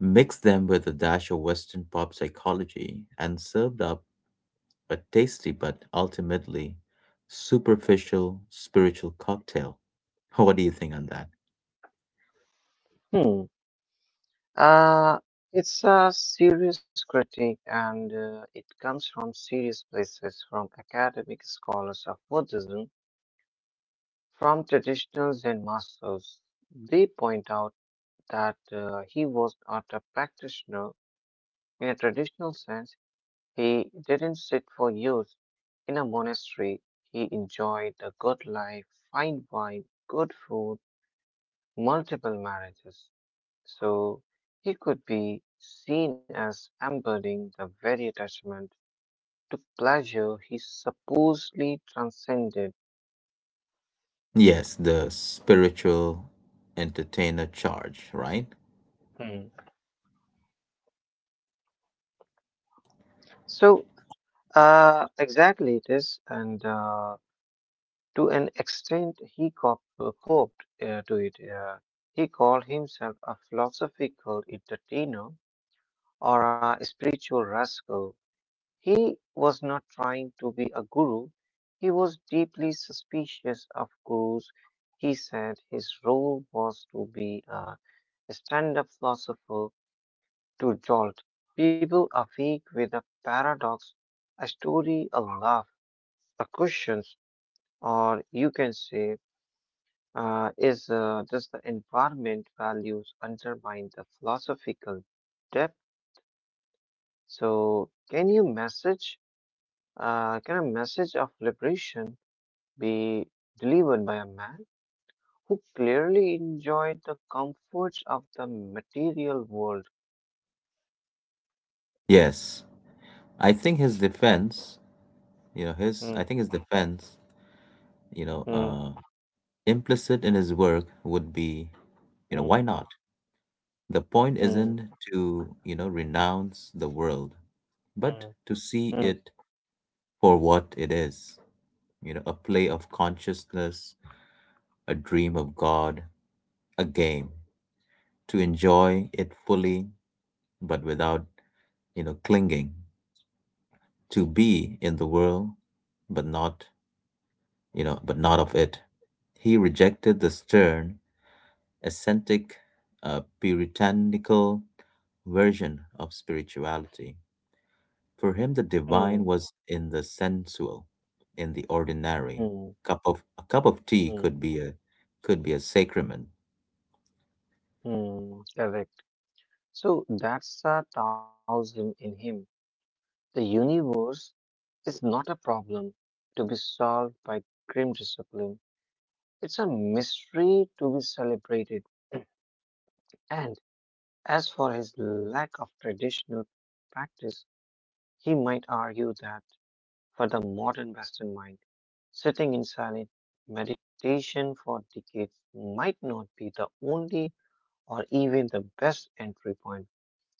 Speaker 1: mixed them with a dash of Western pop psychology, and served up a tasty but ultimately superficial spiritual cocktail. What do you think on that?
Speaker 2: mm. Uh, it's a serious critique and it comes from serious places, from academic scholars of Buddhism, from traditional Zen masters. They point out that he was not a practitioner in a traditional sense. He didn't sit for years in a monastery, he enjoyed a good life, fine wine, good food, multiple marriages. So he could be seen as embodying the very attachment to pleasure he supposedly transcended.
Speaker 1: Yes, the spiritual entertainer charge, right?
Speaker 2: Hmm. So, exactly it is, and to an extent, he coped to it. He called himself a philosophical entertainer or a spiritual rascal. He was not trying to be a guru. He was deeply suspicious of gurus. He said his role was to be a stand up philosopher to jolt people awake with a paradox, a story, a laugh, a question, or you can say, is does the environment values undermine the philosophical depth? So, can you message? Can a message of liberation be delivered by a man who clearly enjoyed the comforts of the material world?
Speaker 1: Yes. I think his defense, you know,
Speaker 2: Hmm.
Speaker 1: his I think his defense, you know,
Speaker 2: Hmm.
Speaker 1: uh, implicit in his work would be, you know,
Speaker 2: Hmm.
Speaker 1: why not? The point
Speaker 2: Hmm.
Speaker 1: isn't to, you know, renounce the world,
Speaker 2: Hmm.
Speaker 1: but to
Speaker 2: Hmm.
Speaker 1: see it for what it is, you know, a play of consciousness, a dream of God, a game, to enjoy it fully but without, you know, clinging. To be in the world, but not, you know, but not of it. He rejected the stern, ascetic, puritanical version of spirituality. For him, the
Speaker 2: Hmm.
Speaker 1: divine was in the sensual, in the ordinary.
Speaker 2: Hmm.
Speaker 1: Cup of a cup of tea
Speaker 2: Hmm.
Speaker 1: could be a sacrament.
Speaker 2: Mm. Correct. So that's the Taoism in him. The universe is not a problem to be solved by grim discipline. It's a mystery to be celebrated. And as for his lack of traditional practice, he might argue that for the modern Western mind, sitting in silent meditation for decades might not be the only or even the best entry point.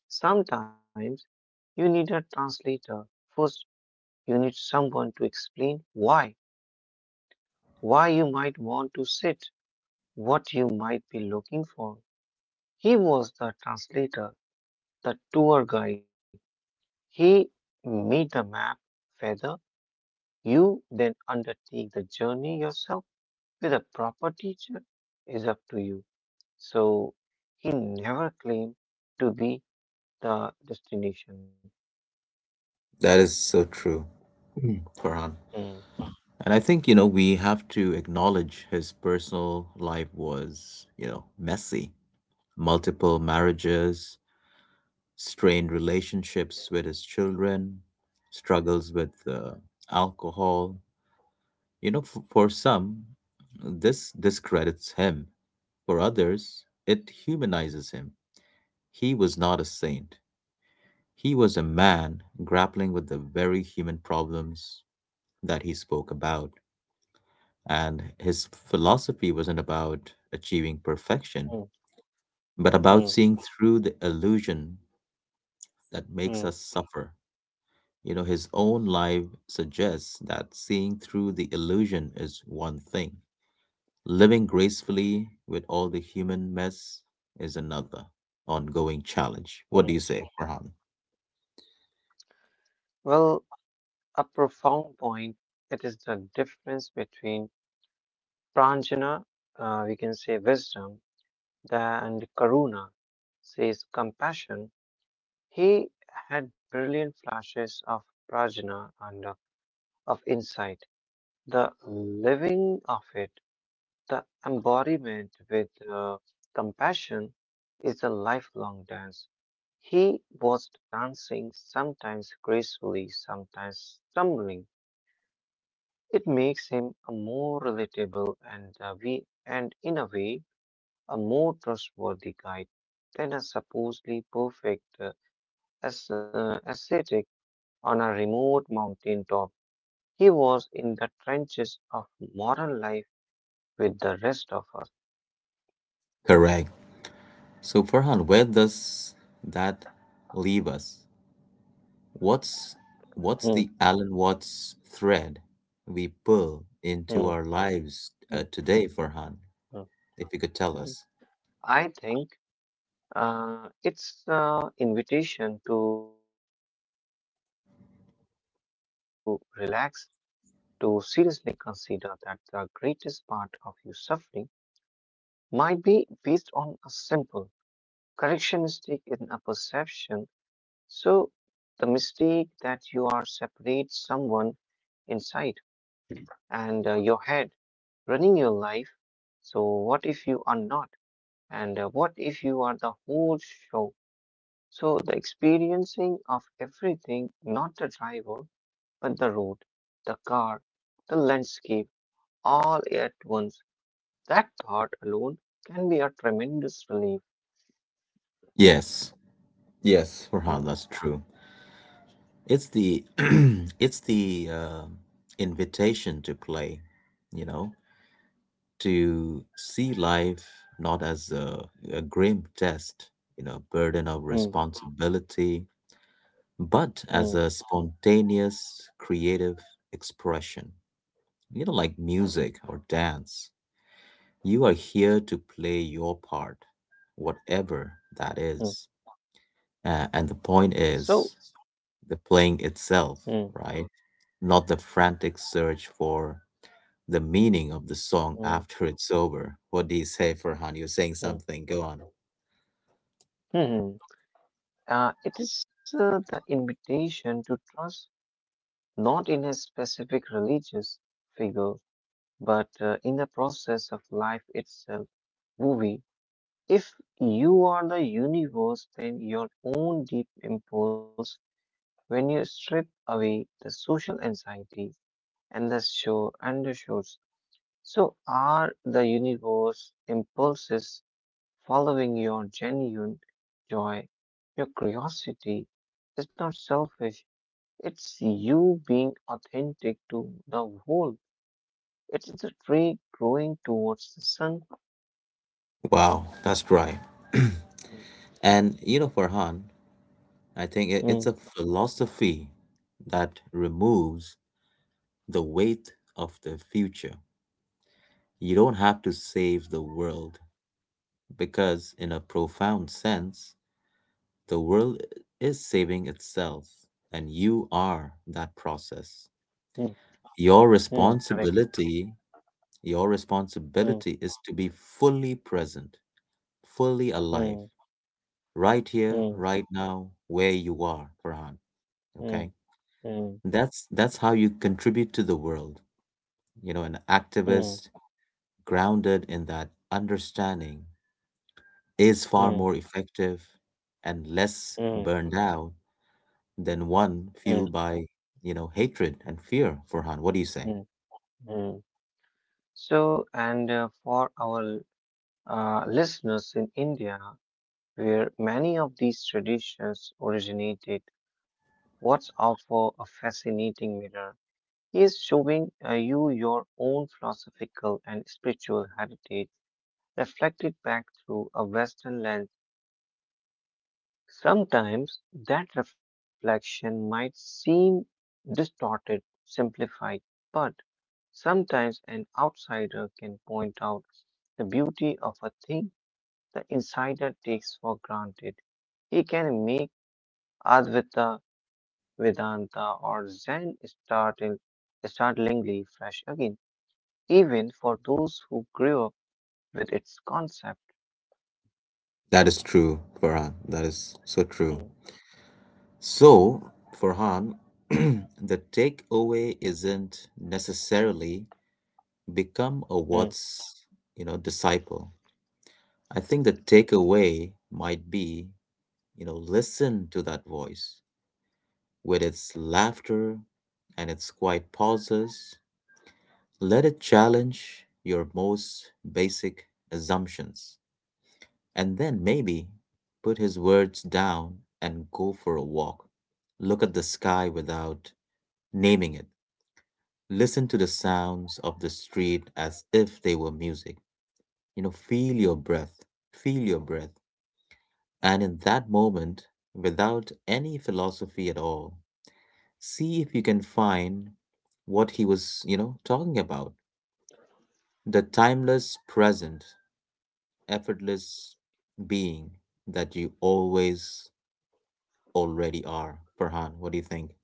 Speaker 2: Sometimes you need a translator. First, you need someone to explain why, you might want to sit, what you might be looking for. He was the translator, the tour guide. He made the map, feather. You then undertake the journey yourself with a proper teacher is up to you. So he never claimed to be the destination.
Speaker 1: That is so true, Farhan.
Speaker 2: Mm,
Speaker 1: And I think, you know, we have to acknowledge his personal life was, you know, messy: multiple marriages, strained relationships with his children, struggles with alcohol. You know, for some, this discredits him. For others, it humanizes him. He was not a saint. He was a man grappling with the very human problems that he spoke about. And his philosophy wasn't about achieving perfection,
Speaker 2: mm,
Speaker 1: but about
Speaker 2: mm,
Speaker 1: seeing through the illusion that
Speaker 2: mm,
Speaker 1: makes us suffer. You know, his own life suggests that seeing through the illusion is one thing; living gracefully with all the human mess is another ongoing challenge. What do you
Speaker 2: mm.
Speaker 1: say, Farhan?
Speaker 2: Well, a profound point. It is the difference between pranjana, we can say wisdom, and karuna, says compassion. He had brilliant flashes of prajna and of insight. The living of it. The embodiment with compassion is a lifelong dance. He was dancing, sometimes gracefully, sometimes stumbling. It makes him a more relatable and in a way, a more trustworthy guide than a supposedly perfect ascetic on a remote mountain top. He was in the trenches of modern life with the rest of us.
Speaker 1: Correct. So, Farhan, where does that leave us? What's
Speaker 2: Hmm,
Speaker 1: what's the Alan Watts thread we pull
Speaker 2: hmm,
Speaker 1: into our lives
Speaker 2: hmm,
Speaker 1: today, Farhan?
Speaker 2: hmm.
Speaker 1: If you could tell
Speaker 2: Hmm,
Speaker 1: us.
Speaker 2: I think it's an invitation to relax, to seriously consider that the greatest part of your suffering might be based on a simple correction mistake in a perception. So, the mistake that you are separate someone inside and your head running your life. So, what if you are not? And what if you are the whole show? So, the experiencing of everything, not the driver, but the road, the car, the landscape, all at once, that thought alone can be a tremendous relief.
Speaker 1: Yes, yes, Farhan, that's
Speaker 2: Mm,
Speaker 1: true. It's the it's the invitation to play, you know, to see life not as a grim test, you know, burden of
Speaker 2: mm,
Speaker 1: responsibility, but as
Speaker 2: mm,
Speaker 1: a spontaneous creative expression, you know, like
Speaker 2: mm,
Speaker 1: music or dance. You are here to play your
Speaker 2: mm.
Speaker 1: part, whatever that is. And the point
Speaker 2: So,
Speaker 1: is the playing itself,
Speaker 2: mm,
Speaker 1: right? Not the frantic search for the meaning of the song
Speaker 2: mm,
Speaker 1: after it's over. What do you say, Farhan? You're saying
Speaker 2: mm,
Speaker 1: something. Go on.
Speaker 2: mhm. It is the invitation to trust not in a specific religious figure, but in the process of life itself. Movie. If you are the universe, then your own deep impulse, when you strip away the social anxiety and the show undershoots, so are the universe impulses following your genuine joy, your curiosity is not selfish. It's you being authentic to the whole. It's the tree growing towards the sun.
Speaker 1: Wow, that's right. And you know, Farhan, I think it's
Speaker 2: Mm,
Speaker 1: a philosophy that removes the weight of the future. You don't have to save the world because, in a profound sense, the world is saving itself, and you are that process.
Speaker 2: mm,
Speaker 1: Your
Speaker 2: mm, correct.
Speaker 1: responsibility, your
Speaker 2: Mm,
Speaker 1: responsibility is to be fully present, fully alive,
Speaker 2: mm,
Speaker 1: right here,
Speaker 2: mm.
Speaker 1: right now, where you are, Farhan.
Speaker 2: Mm,
Speaker 1: Okay?
Speaker 2: mm,
Speaker 1: That's how you contribute to the world. You know, an
Speaker 2: mm,
Speaker 1: activist grounded in that understanding is far
Speaker 2: mm,
Speaker 1: more effective and less
Speaker 2: mm,
Speaker 1: burned out than one
Speaker 2: mm,
Speaker 1: fueled by, you know, hatred and fear, Farhan. What do you say?
Speaker 2: mm, mm. So, and for our listeners in India, where many of these traditions originated, what's offer a fascinating mirror? He is showing you your own philosophical and spiritual heritage reflected back through a Western lens. Sometimes that reflection might seem distorted, simplified, but sometimes an outsider can point out the beauty of a thing the insider takes for granted. He can make Advaita, Vedanta, or Zen startlingly fresh again, even for those who grew up with its concept.
Speaker 1: That is true, Farhan. That is so true.
Speaker 2: Mm,
Speaker 1: So, Farhan, the takeaway isn't necessarily become a
Speaker 2: mm.
Speaker 1: what's, you know, disciple. I think the takeaway might be, you know, listen to that voice with its laughter and its quiet pauses. Let it challenge your most basic assumptions and then maybe put his words down and go for a walk. Look at the sky without naming it. Listen to the sounds of the street as if they were music. You know, feel your breath, feel your breath. And in that moment, without any philosophy at all, see if you can find what he was, you know, talking about. The timeless present, effortless being that you always already are. Farhan, what do you think?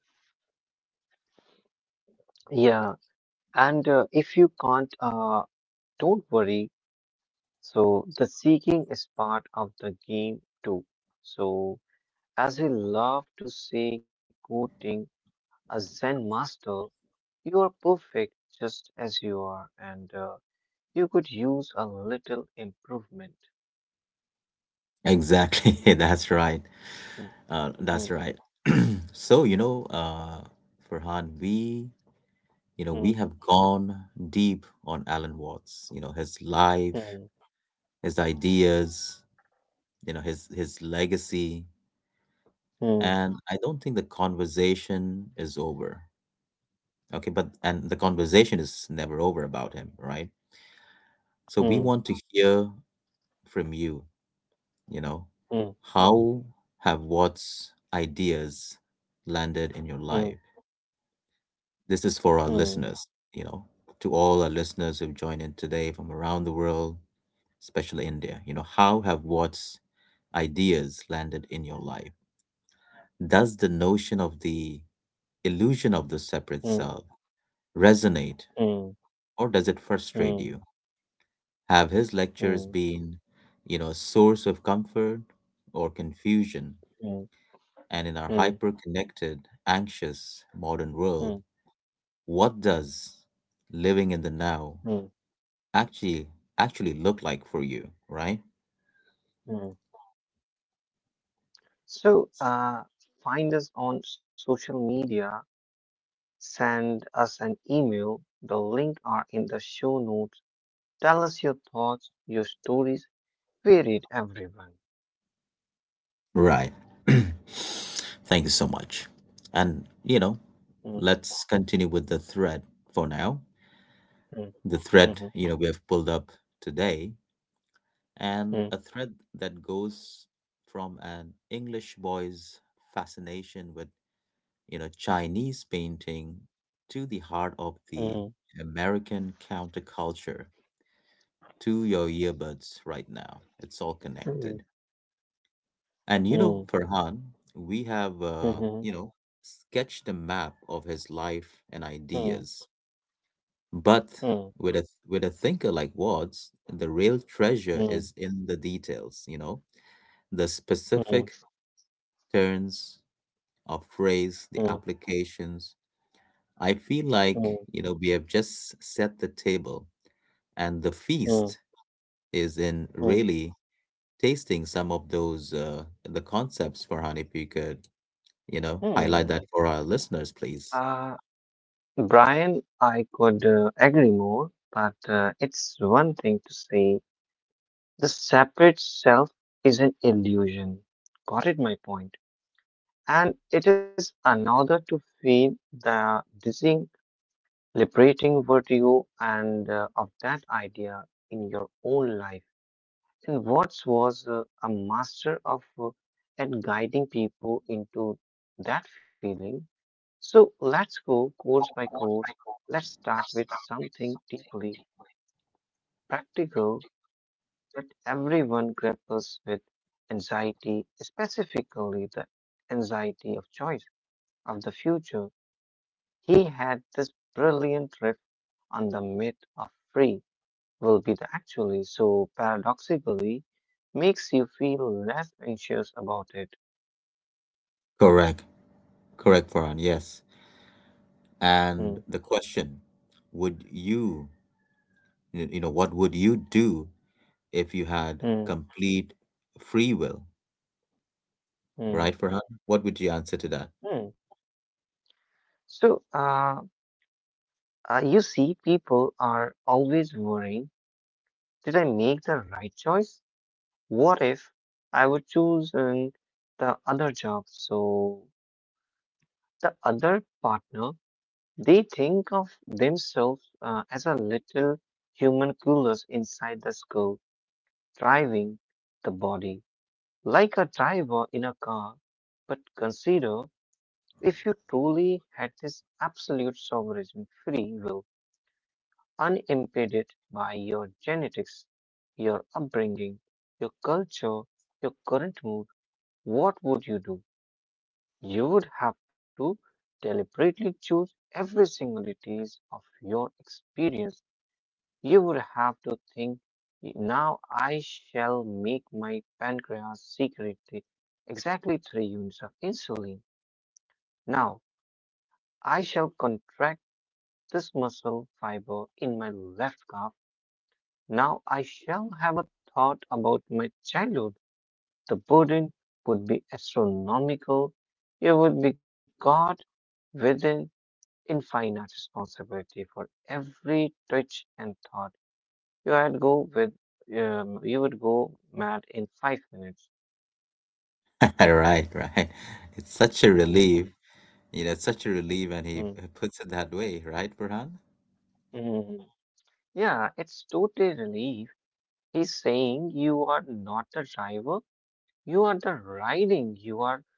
Speaker 2: Yeah, and if you can't, don't worry. So, the seeking is part of the game too. So, as we love to say, quoting a Zen master, you are perfect just as you are, and you could use a little improvement.
Speaker 1: Exactly. That's right.
Speaker 2: Hmm,
Speaker 1: That's
Speaker 2: hmm,
Speaker 1: right. So, you know, Farhan, we, you know, we have gone deep on Alan Watts, you know, his life,
Speaker 2: hmm,
Speaker 1: his ideas, you know, his legacy,
Speaker 2: hmm,
Speaker 1: and I don't think the conversation is over. Okay, but and the conversation is never over about him, right? So we want
Speaker 2: hmm,
Speaker 1: to hear from you. You know,
Speaker 2: hmm,
Speaker 1: how have what's ideas landed in your
Speaker 2: hmm,
Speaker 1: life? This is for our
Speaker 2: hmm,
Speaker 1: listeners. You know, to all our listeners who've joined in today from around the world, especially India, you know, how have what's ideas landed in your life? Does the notion of the illusion of the
Speaker 2: hmm,
Speaker 1: separate
Speaker 2: hmm, hmm,
Speaker 1: self resonate,
Speaker 2: hmm,
Speaker 1: or does it
Speaker 2: hmm, hmm, hmm, hmm,
Speaker 1: frustrate you? Have his lectures been, you know, a source of comfort or confusion? And in our
Speaker 2: hmm,
Speaker 1: hyper connected, anxious modern
Speaker 2: hmm.
Speaker 1: world, what does living in the now
Speaker 2: Hmm,
Speaker 1: actually actually look like for you, right?
Speaker 2: hmm. So, find us on social media, send us an email. The link are in the show notes. Tell us your thoughts, your stories. We read everyone.
Speaker 1: Right. Thank you so much. And you know,
Speaker 2: Mm,
Speaker 1: let's continue with the thread for now.
Speaker 2: mm,
Speaker 1: The thread,
Speaker 2: mhm,
Speaker 1: you know, we have pulled up today, and a
Speaker 2: mm,
Speaker 1: thread that goes from an English boy's fascination with, you know, Chinese painting to the heart of the
Speaker 2: mm,
Speaker 1: American counterculture to your earbuds right now. It's all connected.
Speaker 2: mm,
Speaker 1: And you know,
Speaker 2: mm,
Speaker 1: Farhan, we have, you
Speaker 2: mhm,
Speaker 1: know, sketched a map of his life and
Speaker 2: mm,
Speaker 1: ideas. But
Speaker 2: mm,
Speaker 1: with a thinker like Watts, the real treasure
Speaker 2: mm,
Speaker 1: is
Speaker 2: mm,
Speaker 1: in the details, you know, the specific
Speaker 2: mm,
Speaker 1: turns of phrase, the applications. I feel
Speaker 2: mm,
Speaker 1: like, you know, we have just set the table, and the feast
Speaker 2: mm,
Speaker 1: is in
Speaker 2: mm,
Speaker 1: really tasting some of those the concepts, Farhan. If you could, you know,
Speaker 2: mm.
Speaker 1: highlight that for our listeners, please.
Speaker 2: Uh, Brian, I could agree more, but it's one thing to say the separate self is an illusion. Got it, my point. And it is another to feel the dizzying liberating vertigo and of that idea in your own life. And Watts was a master of, at guiding people into that feeling. So let's go course by course. Let's start with something deeply practical that everyone grapples with anxiety, specifically the anxiety of choice of the future. He had this brilliant riff on the myth of free. Will be the actually so paradoxically makes you feel less anxious about it.
Speaker 1: Correct, correct, Farhan. Yes.
Speaker 2: Hmm,
Speaker 1: And the question: would you, you know, what would you do if you had
Speaker 2: hmm,
Speaker 1: complete free will? Right,
Speaker 2: hmm,
Speaker 1: Farhan. What would you answer to that?
Speaker 2: hmm. So, you see, people are always worrying, did I make the right choice? What if I would choose the other job? So, the other partner, they think of themselves as a little human coolers inside the skull, driving the body. Like a driver in a car. But consider if you truly had this absolute sovereign free will, unimpeded by your genetics, your upbringing, your culture, your current mood, what would you do? You would have to deliberately choose every singularities of your experience you would have to think, now I shall make my pancreas secrete exactly 3 units of insulin. Now I shall contract this muscle fiber in my left calf. Now I shall have a thought about my childhood. The burden would be astronomical. You would be God with an infinite responsibility for every twitch and thought. You had go with you would go mad in 5 minutes.
Speaker 1: Right, right. It's such a
Speaker 2: Mm,
Speaker 1: relief. You know, it's such a relief, and
Speaker 2: mm,
Speaker 1: he puts it that way, right, Farhan?
Speaker 2: mm. Yeah, it's totally relief. He's saying you are not the driver, you are the riding, you are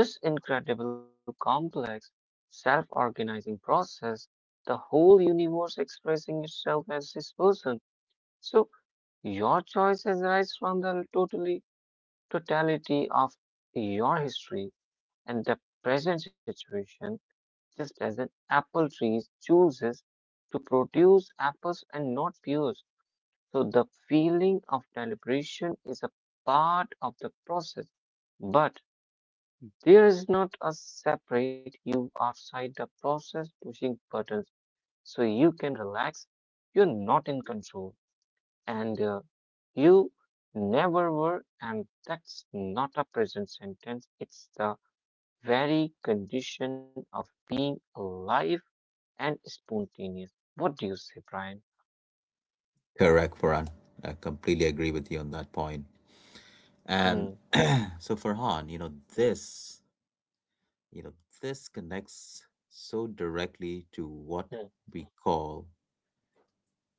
Speaker 2: this incredible complex self-organizing process, the whole universe expressing itself as this person. So your choice arises from the totally totality of your history and the present situation just as an apple tree chooses to produce apples and not pears. So the feeling of deliberation is a part of the process, but there is not a separate you outside the process pushing buttons so you can relax. You're not in control and you never were, and that's not a present sentence. It's the very condition of being alive and spontaneous. What do you say, Brian?
Speaker 1: Correct, Farhan. I completely agree with you on that point. And
Speaker 2: Hmm,
Speaker 1: so, Farhan, you know, this connects so directly to
Speaker 2: hmm,
Speaker 1: what we call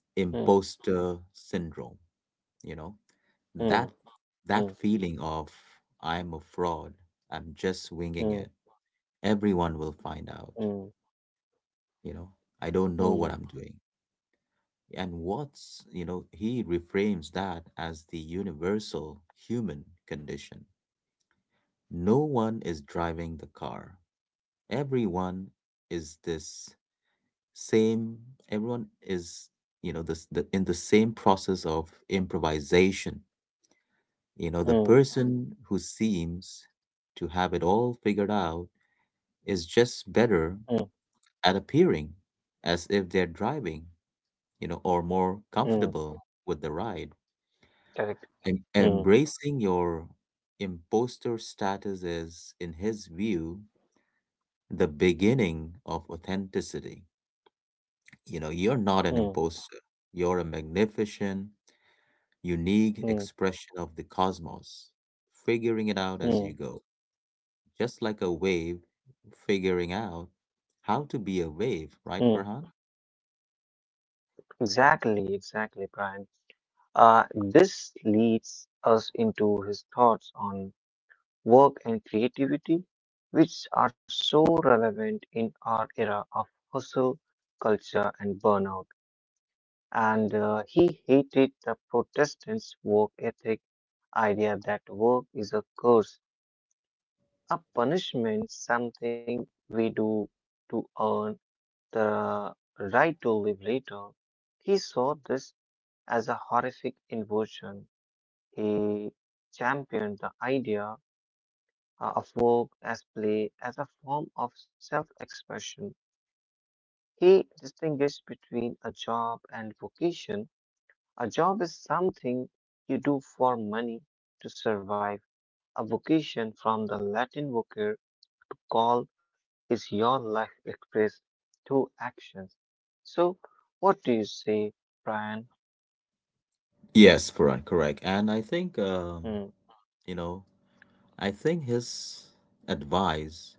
Speaker 2: hmm,
Speaker 1: imposter syndrome. You know,
Speaker 2: hmm,
Speaker 1: that
Speaker 2: hmm,
Speaker 1: that feeling of I'm a fraud, I'm just winging
Speaker 2: hmm,
Speaker 1: it. Everyone will find
Speaker 2: hmm,
Speaker 1: out. You know, I don't
Speaker 2: hmm,
Speaker 1: know what I'm doing. And Watts, you know, he reframes that as the universal human condition. No one is driving the car. Everyone is this same, everyone is, you know, in the same process of improvisation. You know, the
Speaker 2: hmm,
Speaker 1: person who seems to have it all figured out is just
Speaker 2: hmm,
Speaker 1: better at appearing as if they're driving, you know, or more
Speaker 2: hmm.
Speaker 1: comfortable with the ride.
Speaker 2: Correct. Hmm,
Speaker 1: Embracing your imposter status is, in his view, the beginning of authenticity. You know, you're
Speaker 2: hmm,
Speaker 1: not an imposter, you're a magnificent, unique
Speaker 2: hmm,
Speaker 1: expression of the cosmos, figuring it out as
Speaker 2: hmm,
Speaker 1: you go, just like a wave figuring out how to be a wave,
Speaker 2: hmm.
Speaker 1: right, Farhan?
Speaker 2: Exactly, exactly, Brian. This leads us into his thoughts on work and creativity, which are so relevant in our era of hustle culture and burnout. And he hated the Protestants' work ethic idea that work is a curse, a punishment, something we do to earn the right to live later. He saw this as a horrific inversion. He championed the idea of work as play as a form of self expression. He distinguished between a job and vocation. A job is something you do for money to survive, a vocation from the Latin vocare to call is your life expressed through actions. So, what do you say, Brian?
Speaker 1: Yes, Farhan, correct. And I think,
Speaker 2: Mm,
Speaker 1: you know, I think his advice,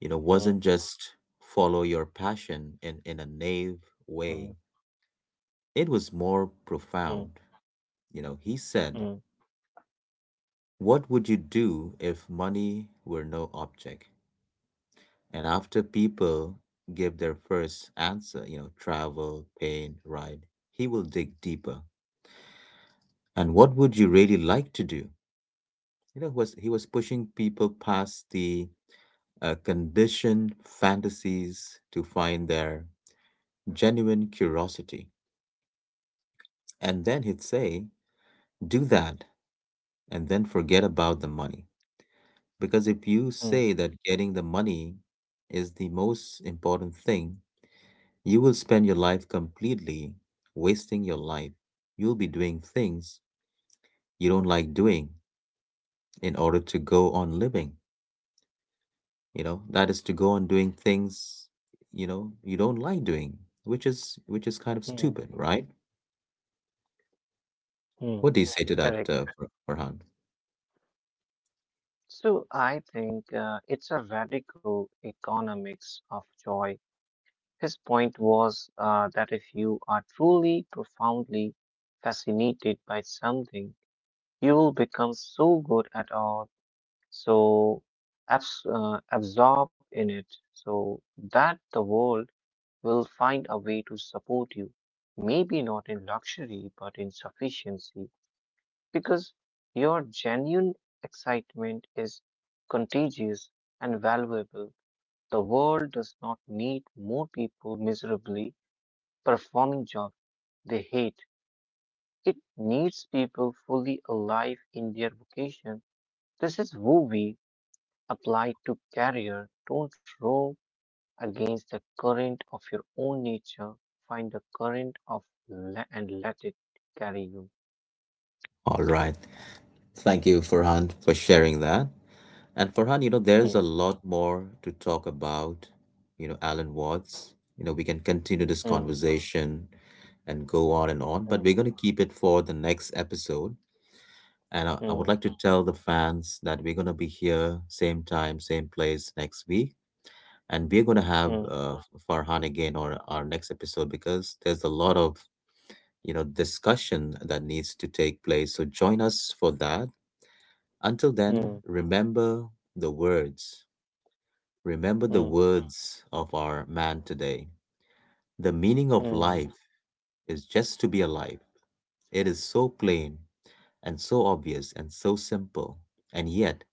Speaker 1: you know, wasn't
Speaker 2: mm,
Speaker 1: just follow your passion in, a naive
Speaker 2: mm,
Speaker 1: way. It was more
Speaker 2: mm,
Speaker 1: profound. You know, he said,
Speaker 2: mm,
Speaker 1: what would you do if money were no object? And after people give their first answer, you know, travel, pain, ride, he will dig deeper. And what would you really like to do? You know, was he was pushing people past the conditioned fantasies to find their genuine curiosity. And then he'd say, do that, and then forget about the money. Because if you
Speaker 2: mm,
Speaker 1: say that getting the money is the most important thing, you will spend your life completely wasting your life. You'll be doing things you don't like doing in order to go on living. You know, that is, to go on doing things, you know, you don't like doing, which is kind of
Speaker 2: mm,
Speaker 1: stupid, right?
Speaker 2: mm.
Speaker 1: What do you say to that,
Speaker 2: Correct.
Speaker 1: Farhan?
Speaker 2: So, I think it's a radical economics of joy. His point was that if you are truly, profoundly fascinated by something, you will become so good at all so absorb in it so that the world will find a way to support you maybe not in luxury but in sufficiency because your genuine excitement is contagious and valuable the world does not need more people miserably performing jobs they hate it needs people fully alive in their vocation this is who we applied to career. Don't row against the current of your own nature. Find the current of and let it carry you.
Speaker 1: All right. Thank you, Farhan, for sharing that. And Farhan, you know, there's a
Speaker 2: Hmm,
Speaker 1: lot more to talk about. You know, Alan Watts. You know, we can continue this
Speaker 2: hmm,
Speaker 1: conversation and go on and on, but
Speaker 2: hmm,
Speaker 1: we're going to keep it for the next episode. And I would
Speaker 2: hmm,
Speaker 1: like to tell the fans that we're going to be here, same time, same place, next week. And we're going to
Speaker 2: hmm,
Speaker 1: have Farhan again on our next episode because there's a lot of, you know, discussion that needs to take place. So join us for that. Until then,
Speaker 2: hmm,
Speaker 1: remember the words. Remember
Speaker 2: hmm,
Speaker 1: the words of our man today. The meaning of
Speaker 2: hmm.
Speaker 1: life is just to be alive. It is so plain and so obvious and so simple. And yet,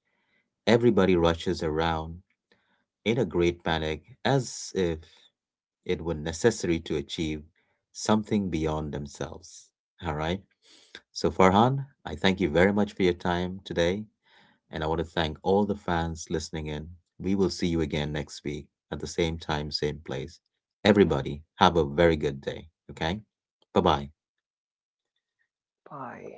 Speaker 1: everybody rushes around in a great panic as if it were necessary to achieve something beyond themselves. All right. So, Farhan, I thank you very much for your time today. And I want to thank all the fans listening in. We will see you again next week at the same time, same place. Everybody, have a very good day. Okay? Bye bye.
Speaker 2: Bye.